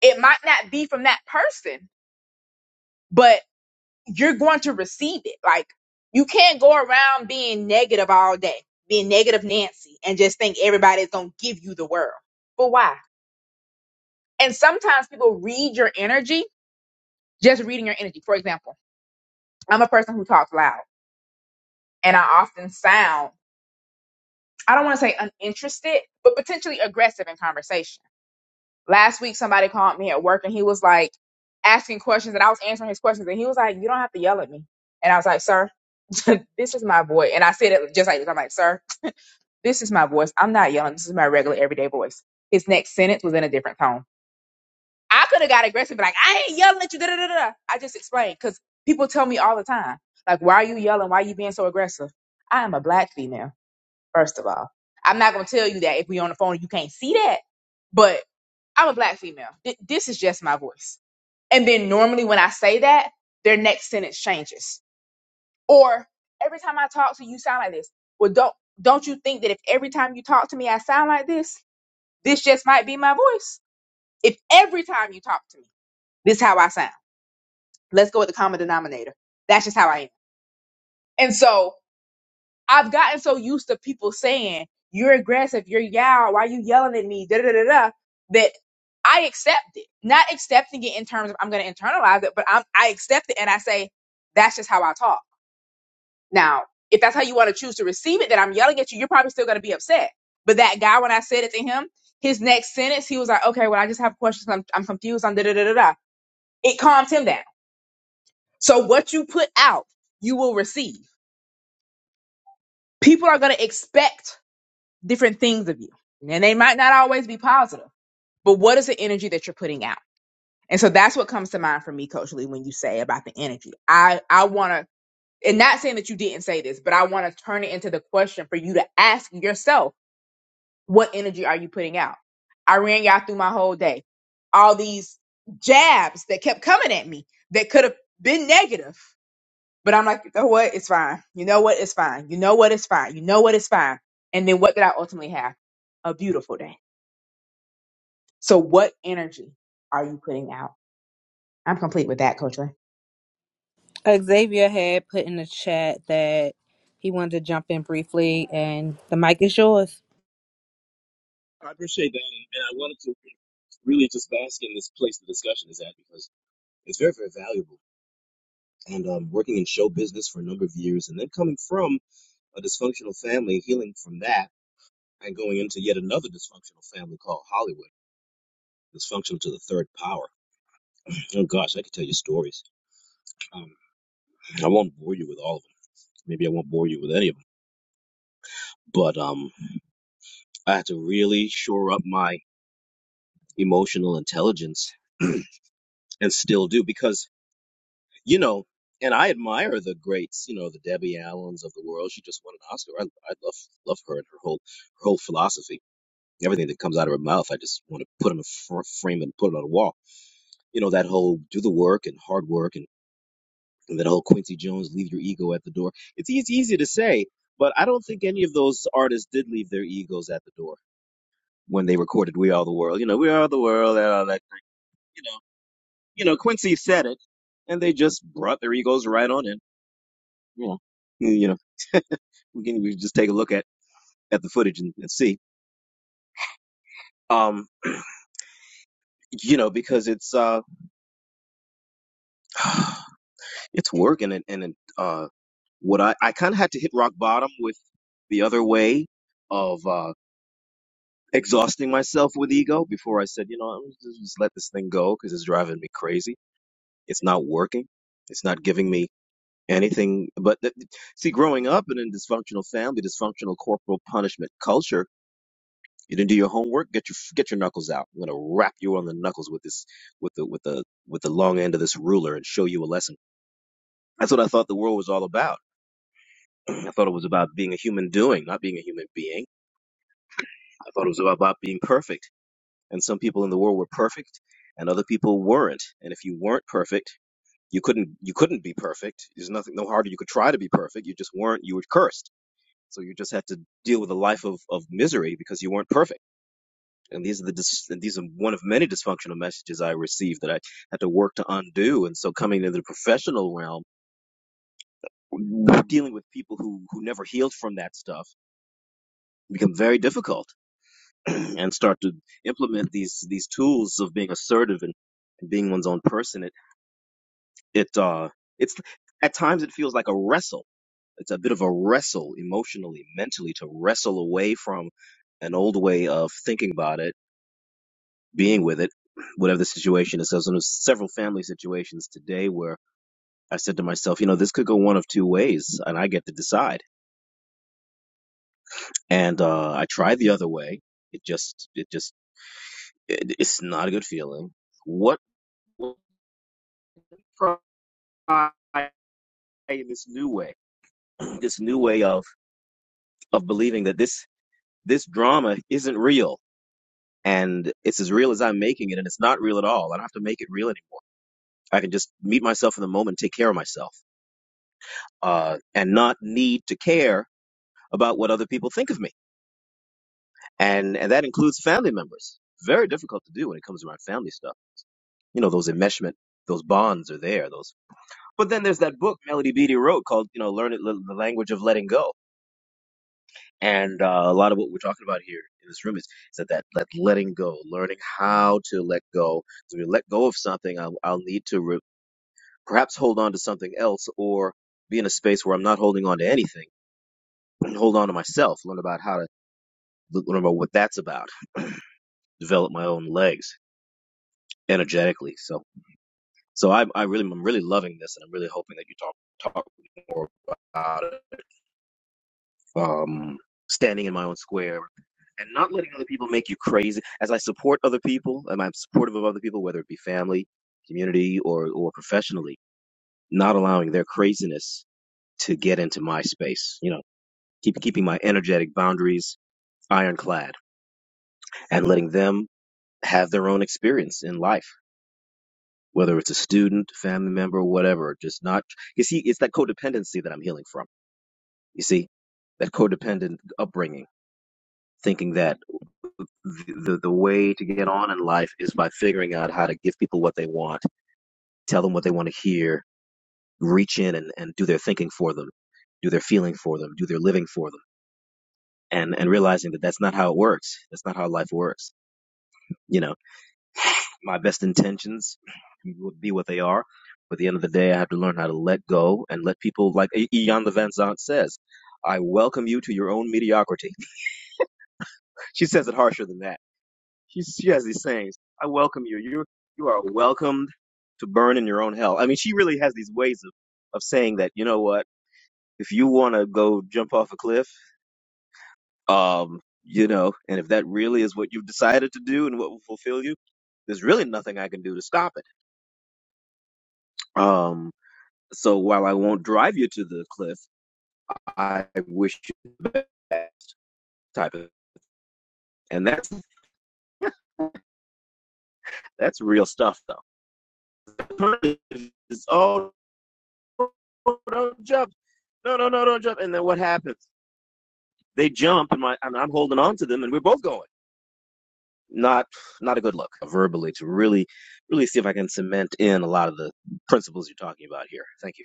B: It might not be from that person, but you're going to receive it. Like you can't go around being negative all day, being negative Nancy and just think everybody's going to give you the world. But why? And sometimes people read your energy, just reading your energy. For example, I'm a person who talks loud and I often sound, I don't want to say uninterested, but potentially aggressive in conversation. Last week, somebody called me at work and he was like asking questions and I was answering his questions and he was like, You don't have to yell at me. And I was like, Sir, this is my voice. And I said it just like this. I'm like, Sir, this is my voice. I'm not yelling. This is my regular everyday voice. His next sentence was in a different tone. I could have got aggressive, and be like I ain't yelling at you. Da, da, da, da. I just explained because people tell me all the time, like, why are you yelling? Why are you being so aggressive? I am a black female, first of all. I'm not gonna tell you that if we on the phone and you can't see that, but I'm a black female. Th- this is just my voice. And then normally when I say that, their next sentence changes. Or every time I talk to you, you sound like this. Well, don't don't you think that if every time you talk to me, I sound like this? This just might be my voice. If every time you talk to me, this is how I sound. Let's go with the common denominator. That's just how I am. And so I've gotten so used to people saying, you're aggressive, you're yow, why you yelling at me, da da da da, that I accept it. Not accepting it in terms of I'm going to internalize it, but I'm, I accept it and I say, that's just how I talk. Now, if that's how you want to choose to receive it, that I'm yelling at you, you're probably still going to be upset. But that guy, when I said it to him, his next sentence, he was like, okay, well, I just have questions. I'm, I'm confused. I'm da da da da da. It calmed him down. So what you put out, you will receive. people are going to expect different things of you. And they might not always be positive, but what is the energy that you're putting out? And so that's what comes to mind for me, Coach Lee, when you say about the energy. I, I want to, and not saying that you didn't say this, but I want to turn it into the question for you to ask yourself, what energy are you putting out? I ran y'all through my whole day. All these jabs that kept coming at me that could have been negative but I'm like, you know what? It's fine. You know what? It's fine. You know what? It's fine. You know what? It's fine. And then what did I ultimately have? A beautiful day. So what energy are you putting out? I'm complete with that, Coach. Lee.
A: Xavier had put in the chat that he wanted to jump in briefly, and the mic is yours.
D: I appreciate that, and, and I wanted to really just bask in this place the discussion is at because It's very, very valuable. And um, working in show business for a number of years and then coming from a dysfunctional family, healing from that, and going into yet another dysfunctional family called Hollywood, dysfunctional to the third power. Oh, gosh, I could tell you stories. Um, I won't bore you with all of them. Maybe I won't bore you with any of them. But um, I had to really shore up my emotional intelligence and still do because, you know, and I admire the greats, you know, the Debbie Allens of the world. She just won an Oscar. I, I love love her and her whole her whole philosophy Everything that comes out of her mouth, I just want to put on a fr- frame and put it on a wall. You know, that whole do the work and hard work and, and that whole Quincy Jones, leave your ego at the door. It's, e- it's easy to say, but I don't think any of those artists did leave their egos at the door when they recorded We Are the World. You know, We Are the World, and all that thing. You know, you know, Quincy said it, and they just brought their egos right on in. You know, you know, we can we can just take a look at, at the footage and, and see. Um, you know, because it's uh, it's work and it, and it, uh, what I, I kind of had to hit rock bottom with the other way of uh, exhausting myself with ego before I said, you know, I'm just, just let this thing go because it's driving me crazy. It's not working. It's not giving me anything. But th- th- see, growing up in a dysfunctional family, dysfunctional corporal punishment culture, you didn't do your homework. Get your get your knuckles out. I'm gonna wrap you on the knuckles with this with the with the with the long end of this ruler and show you a lesson. That's what I thought the world was all about. I thought it was about being a human doing, not being a human being thought it was about being perfect and so we're perfect and other people weren't and if you weren't perfect you couldn't you couldn't be perfect there's nothing no harder you could try to be perfect you just weren't you were cursed so you just had to deal with a life of of misery You weren't perfect and these are the dis- and these are one of many dysfunctional messages i received that i had to work to undo and so professional realm dealing with people who who never healed stuff become very difficult and start to implement these these tools of being assertive and and being one's own person It uh, it's at times it feels like a wrestle. It's a bit of a wrestle emotionally, mentally, to wrestle away from an old way of thinking about it, being with it, whatever the situation is. So so there's several family situations today where I said to myself, you know, this could go one of two ways, and I get to decide. And uh, I tried the other way. It just, it just, it, it's not a good feeling. What? Try this new way, this new way of of believing that this this drama isn't real and it's as real as I'm making it and it's not real at all. I don't have to make it real anymore. I can just meet myself in the moment, take care of myself, uh, and not need to care about what other people think of me. And and that includes family members. Very difficult to do when it comes around family stuff. You know, those enmeshment, those bonds are there. Those, but then there's that book Melody Beattie wrote called, you know, Learn it, L- the language of letting go And uh, a lot of what we're talking about here in this room is, is that, that that letting go, learning how to let go. So when we let go of something, I'll, I'll need to re- perhaps hold on to something else or be in a space where I'm not holding on to anything and hold on to myself, learn about how to learn about what that's about, develop my own legs energetically. So, so I, I really, I'm really loving this and I'm really hoping that you talk, talk more about it. um, standing in my own square and not letting other people make you crazy. As I support other people, and I'm supportive of other people, whether it be family, community, or or professionally, not allowing their craziness to get into my space. You know, keep keeping my energetic boundaries ironclad and letting them have their own experience in life. Whether it's a student, family member, whatever, just not, you see, it's that codependency that I'm healing from. You see, that codependent upbringing, thinking that. the, the the way to get on in life is by figuring out how to give people what they want, tell them what they want to hear, reach in and, and do their thinking for them, do their feeling for them, do their living for them, and, and realize that's not, that's not how life works. You know, my best intentions would be what they are, but at the end of the day, I have to learn how to let go and let people, like E, Ian Van Zant says, I welcome you to your own mediocrity. She says it harsher than that She, she has these sayings. I welcome you. You you are welcomed to burn in your own hell. I mean, she really has these ways of of saying that. You know what? If you want to go jump off a cliff, um, you know, and if that really is what you've decided to do and what will fulfill you, there's really nothing I can do to stop it. Um, so while I won't drive you to the cliff, I wish you the best type of, and that's that's real stuff though. It's all don't jump. No, no, no, don't jump. And then what happens? They jump, and my and I'm holding on to them, and we're both going. Not not a good look verbally to really really see if I can cement in a lot of the principles you're talking about here. Thank you.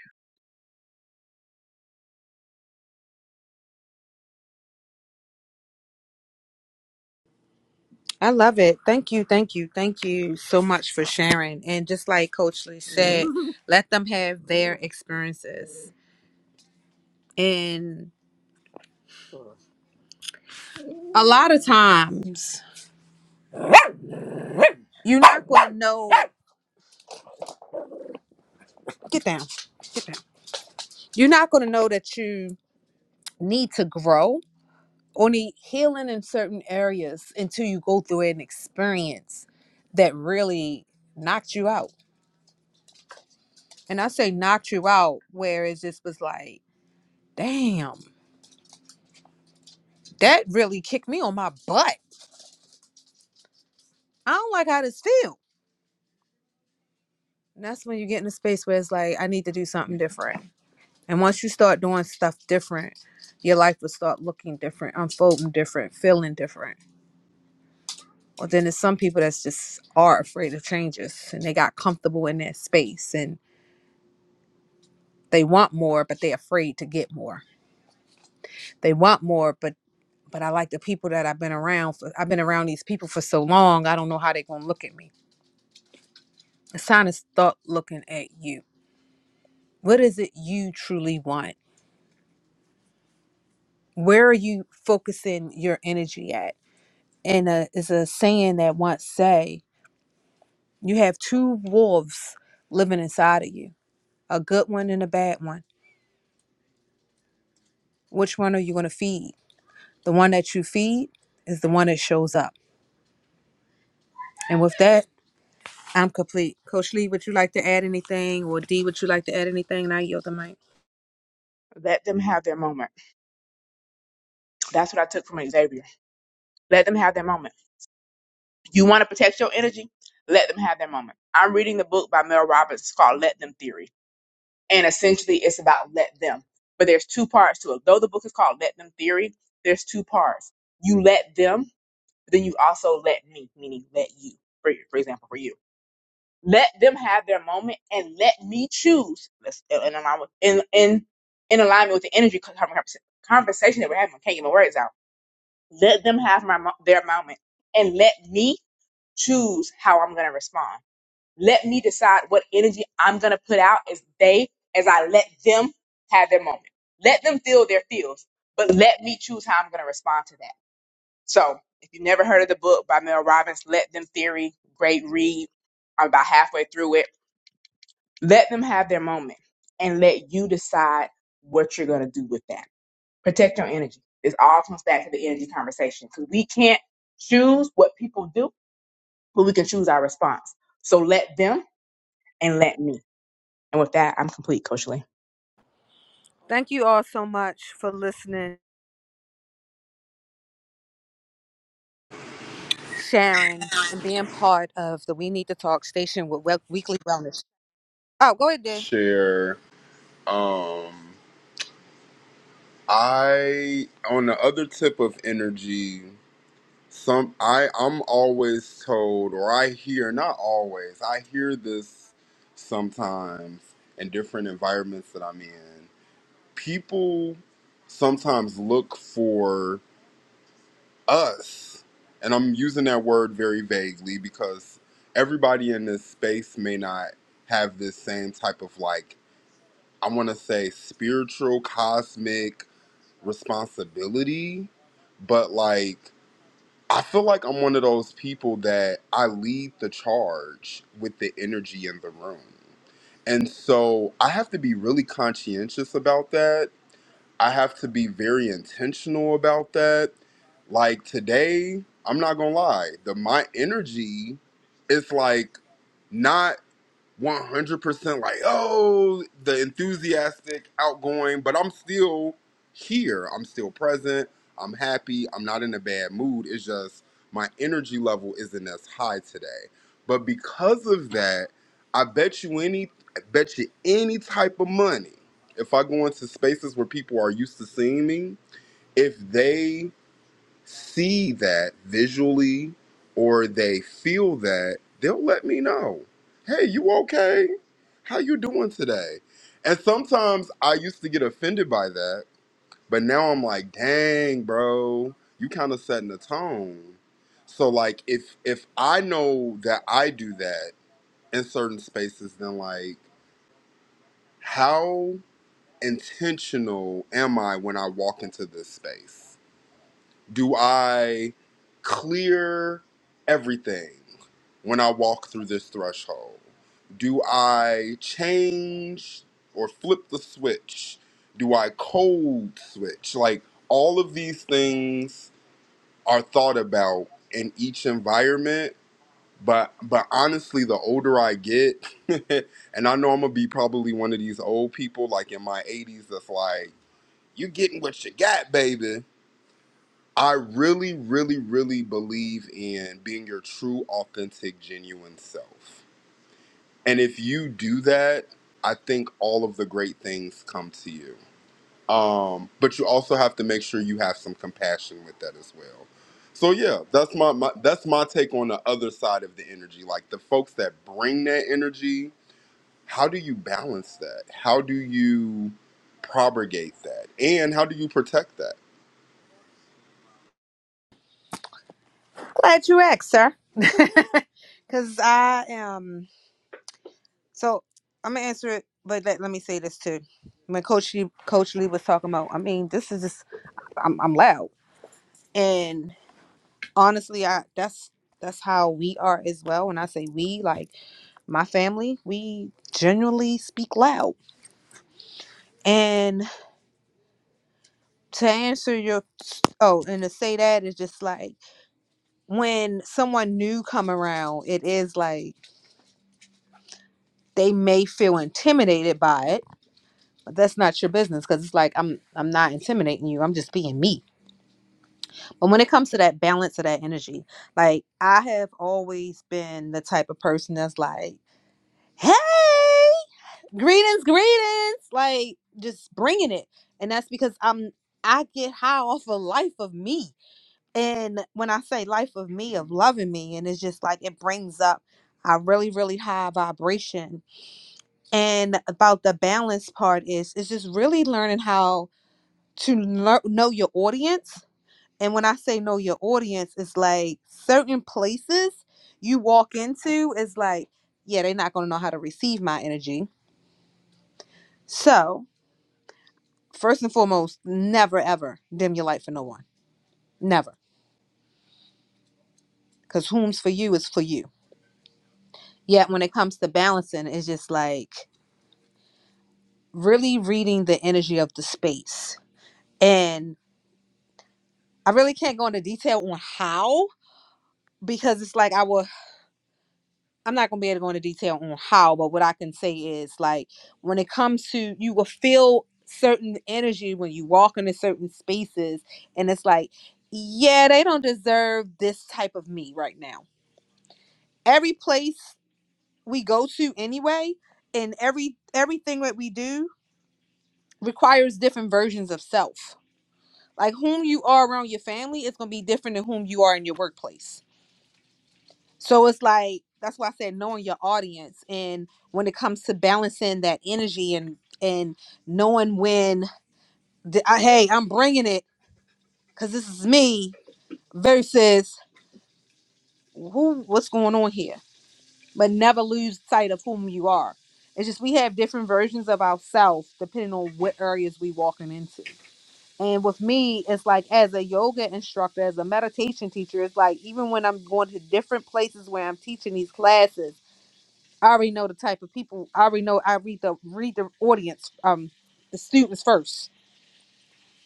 A: I love it. Thank you, thank you, thank you so much for sharing. And just like Coach Lee said, let them have their experiences. And a lot of times, you're not going to know. Get down. Get down. You're not going to know that you need to grow only healing in certain areas until you go through an experience that really knocked you out. And I say knocked you out, where it just was like, damn, that really kicked me on my butt. I don't like how this feels. And that's when you get in a space where it's like, I need to do something different. And once you start doing stuff different, your life will start looking different, unfolding different, feeling different. Well, then there's some people that's just are afraid of changes and they got comfortable in that space. And They want more, but they're afraid to get more. They want more, but but I like the people that I've been around. For, I've been around these people for so long. I don't know how they're gonna look at me. It's time to start looking at you. What is it you truly want? Where are you focusing your energy at? And uh, it's a saying that once say, you have two wolves living inside of you, a good one and a bad one. Which one are you gonna feed? The one that you feed is the one that shows up. And with that, I'm complete. Coach Lee, would you like to add anything? Or Dee, would you like to add anything? And I yield the mic.
B: Let them have their moment. That's what I took from Xavier. Let them have their moment. You want to protect your energy? Let them have their moment. I'm reading the book by Mel Robbins It's called Let Them Theory. And essentially it's about let them. But there's two parts to it. Though the book is called Let Them Theory, there's two parts. You let them But then you also let me, meaning let you, for, for example, for you, let them have their moment and let me choose. Let's in in alignment with, in in in alignment with the energy con- conversa- conversation that we're having. I can't get my words out. Let them have my mo- their moment and let me choose how I'm going to respond. Let me decide what energy I'm going to put out as they as I let them have their moment. Let them feel their feels, but let me choose how I'm going to respond to that. So if you've never heard of the book by Mel Robbins, Let Them Theory, great read. I'm about halfway through it. Let them have their moment and let you decide what you're going to do with that. Protect your energy. This all comes back to the energy conversation because we can't choose what people do, but we can choose our response. So let them and let me. And with that, I'm complete, Coach Lee.
A: Thank you all so much for listening, sharing, and being part of the We Need to Talk station with Wel- Weekly Wellness. Oh, go ahead, Dee.
E: share um i on the other tip of energy some i i'm always told or i hear not always i hear this sometimes in different environments that i'm in people sometimes look for us, and I'm using that word very vaguely because everybody in this space may not have this same type of like, I want to say spiritual, cosmic responsibility, but like, I feel like I'm one of those people that I lead the charge with the energy in the room. And so I have to be really conscientious about that. I have to be very intentional about that like today, I'm not gonna lie, the my energy is like not 100% like oh the enthusiastic outgoing but i'm still here i'm still present i'm happy i'm not in a bad mood it's just my energy level isn't as high today but because of that i bet you any I bet you any type of money if i go into spaces where people are used to seeing me if they see that visually or they feel that, they'll let me know. Hey, you okay? How you doing today? And sometimes I used to get offended by that, but now I'm like, dang, bro, you kind of setting the tone. So like if if I know that I do that in certain spaces, then like how intentional am I when I walk into this space? Do I clear everything when I walk through this threshold? Do I change or flip the switch? Do I cold switch? Like all of these things are thought about in each environment. But but honestly, the older I get, and I know I'm gonna be probably one of these old people like in my 80s that's like, you getting what you got, baby I really, really, really believe in being your true, authentic, genuine self. And if you do that, I think all of the great things come to you. Um, but you also have to make sure you have some compassion with that as well. So yeah, that's my, my that's my take on the other side of the energy. Like the folks that bring that energy, how do you balance that? How do you propagate that? And how do you protect that?
A: Glad you asked, sir. Because I am. So I'm going to answer it, but let, let me say this too. When Coach Lee, Coach Lee was talking about, I mean, this is just, I'm, I'm loud. And honestly, I that's that's how we are as well. When I say we, like, my family, we genuinely speak loud. And to answer your oh, and to say that is just like when someone new come around, it is like they may feel intimidated by it. But that's not your business because it's like I'm I'm not intimidating you. I'm just being me. But when it comes to that balance of that energy, like I have always been the type of person that's like, hey. greetings, greetings, like just bringing it. And that's because I'm I get high off of life of me. And when I say life of me, of loving me, and it's just like it brings up a really, really high vibration. And about the balance part is it's just really learning how to lear- know your audience. And when I say know your audience, it's like certain places you walk into is like, yeah, they're not gonna know how to receive my energy. So first and foremost, never ever dim your light for no one. Never. Because whom's for you is for you. Yet when it comes to balancing, it's just like really reading the energy of the space. And I really can't go into detail on how because it's like I will I'm not gonna be able to go into detail on how, but what I can say is like when it comes to you will feel certain energy when you walk into certain spaces and it's like, yeah, they don't deserve this type of me right now. Every place we go to anyway and every everything that we do requires different versions of self like whom you are around your family is going to be different than whom you are in your workplace so it's like that's why i said knowing your audience and when it comes to balancing that energy and and knowing when the, I, hey i'm bringing it because this is me versus who what's going on here but never lose sight of whom you are. It's just we have different versions of ourselves depending on what areas we walking into. And with me, it's like as a yoga instructor, as a meditation teacher, it's like even when I'm going to different places where I'm teaching these classes, I already know the type of people. I already know I read the read the audience, um, the students first.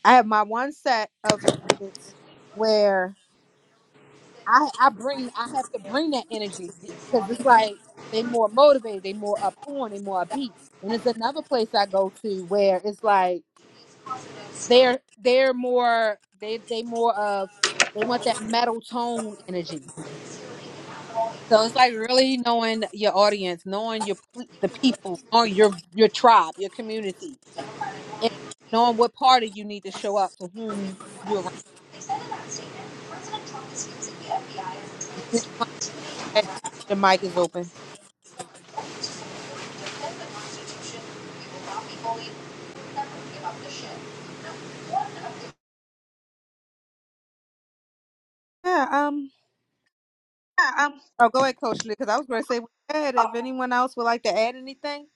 A: I have my one set of students where I I bring I have to bring that energy because it's like they more motivated, they more up on, they more upbeat. And it's another place I go to where it's like they're they're more they they more of they want that metal tone energy. So it's like really knowing your audience, knowing your p- the people, knowing your your tribe, your community, and knowing what party you need to show up for whom you're around. Your mic is open. Yeah. Um. Oh, go ahead, Coach Lee, because I was going to say with that, if anyone else would like to add anything.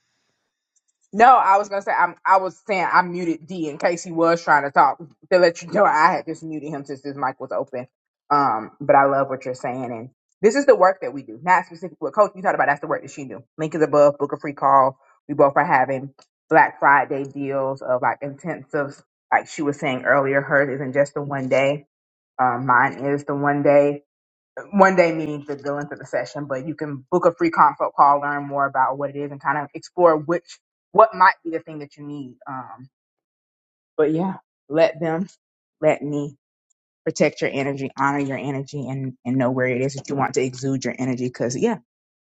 B: No, I was gonna say I'm. I was saying I muted D in case he was trying to talk to let you know I had just muted him since his mic was open. Um, but I love what you're saying, and this is the work that we do, not specific. What Coach you talked about, that's the work that she do. Link is above. Book a free call. We both are having Black Friday deals of like intensives, like she was saying earlier. Hers isn't just the one day. Um, mine is the one day one day meetings that go into the session, but you can book a free consult call, learn more about what it is, and kind of explore which what might be the thing that you need. Um, but yeah, let them, let me protect your energy, honor your energy, and and know where it is that you want to exude your energy. Because yeah,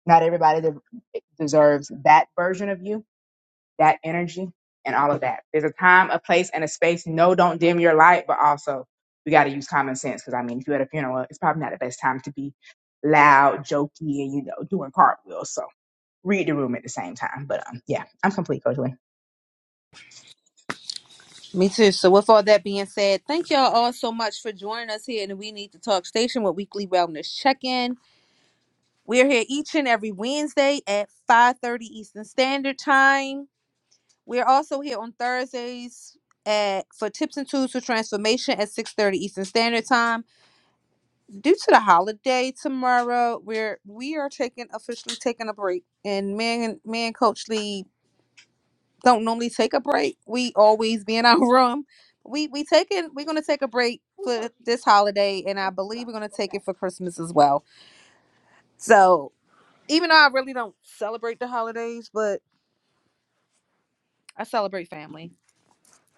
B: not everybody de- deserves that version of you that energy and all of that. There's a time, a place, and a space. No, don't dim your light, but also we got to use common sense because I mean, if you're at a funeral, it's probably not the best time to be loud, jokey, and you know, doing cartwheels. So read the room at the same time. But um, yeah, I'm complete, Coach Lee.
A: Me too. So, with all that being said, thank y'all all so much for joining us here in the We Need to Talk Station with Weekly Wellness Check In. We're here each and every Wednesday at 5:30 Eastern Standard Time. We're also here on Thursdays at for tips and tools for transformation at 6:30 Eastern Standard Time. Due to the holiday tomorrow, we're we are taking officially taking a break, and me and me and Coach Lee don't normally take a break. We always be in our room. We we taking we're gonna take a break for this holiday, and I believe we're gonna take it for Christmas as well. So even though I really don't celebrate the holidays, but I celebrate family.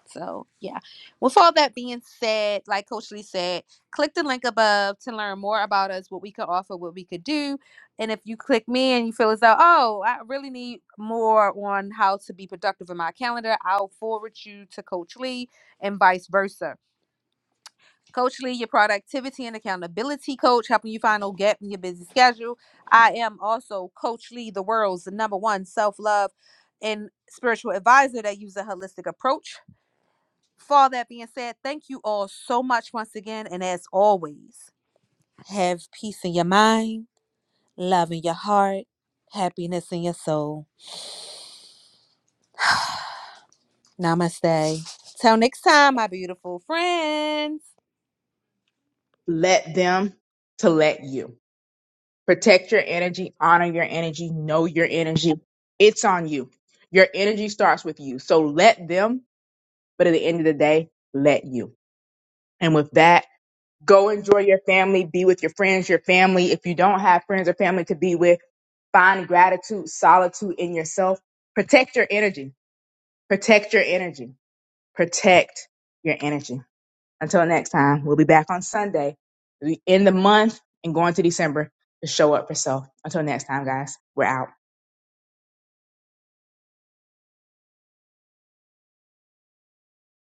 A: So, yeah. With all that being said, like Coach Lee said, click the link above to learn more about us, what we could offer, what we could do. And if you click me and you feel as though, oh, I really need more on how to be productive in my calendar, I'll forward you to Coach Lee and vice versa. Coach Lee, your productivity and accountability coach, helping you find no gap in your busy schedule. I am also Coach Lee, the world's number one self love and spiritual advisor that uses a holistic approach for all that being said, thank you all so much once again. And as always, have peace in your mind, love in your heart, happiness in your soul. Namaste. Till next time, my beautiful friends.
B: Let them to let you protect your energy, honor your energy, know your energy. It's on you. Your energy starts with you. So let them, but at the end of the day, let you. And with that, Go enjoy your family, be with your friends, your family. If you don't have friends or family to be with, find gratitude, solitude in yourself. Protect your energy. Protect your energy. Protect your energy. Until next time, we'll be back on Sunday. We end the month and go into December to show up for self. Until next time, guys, we're out.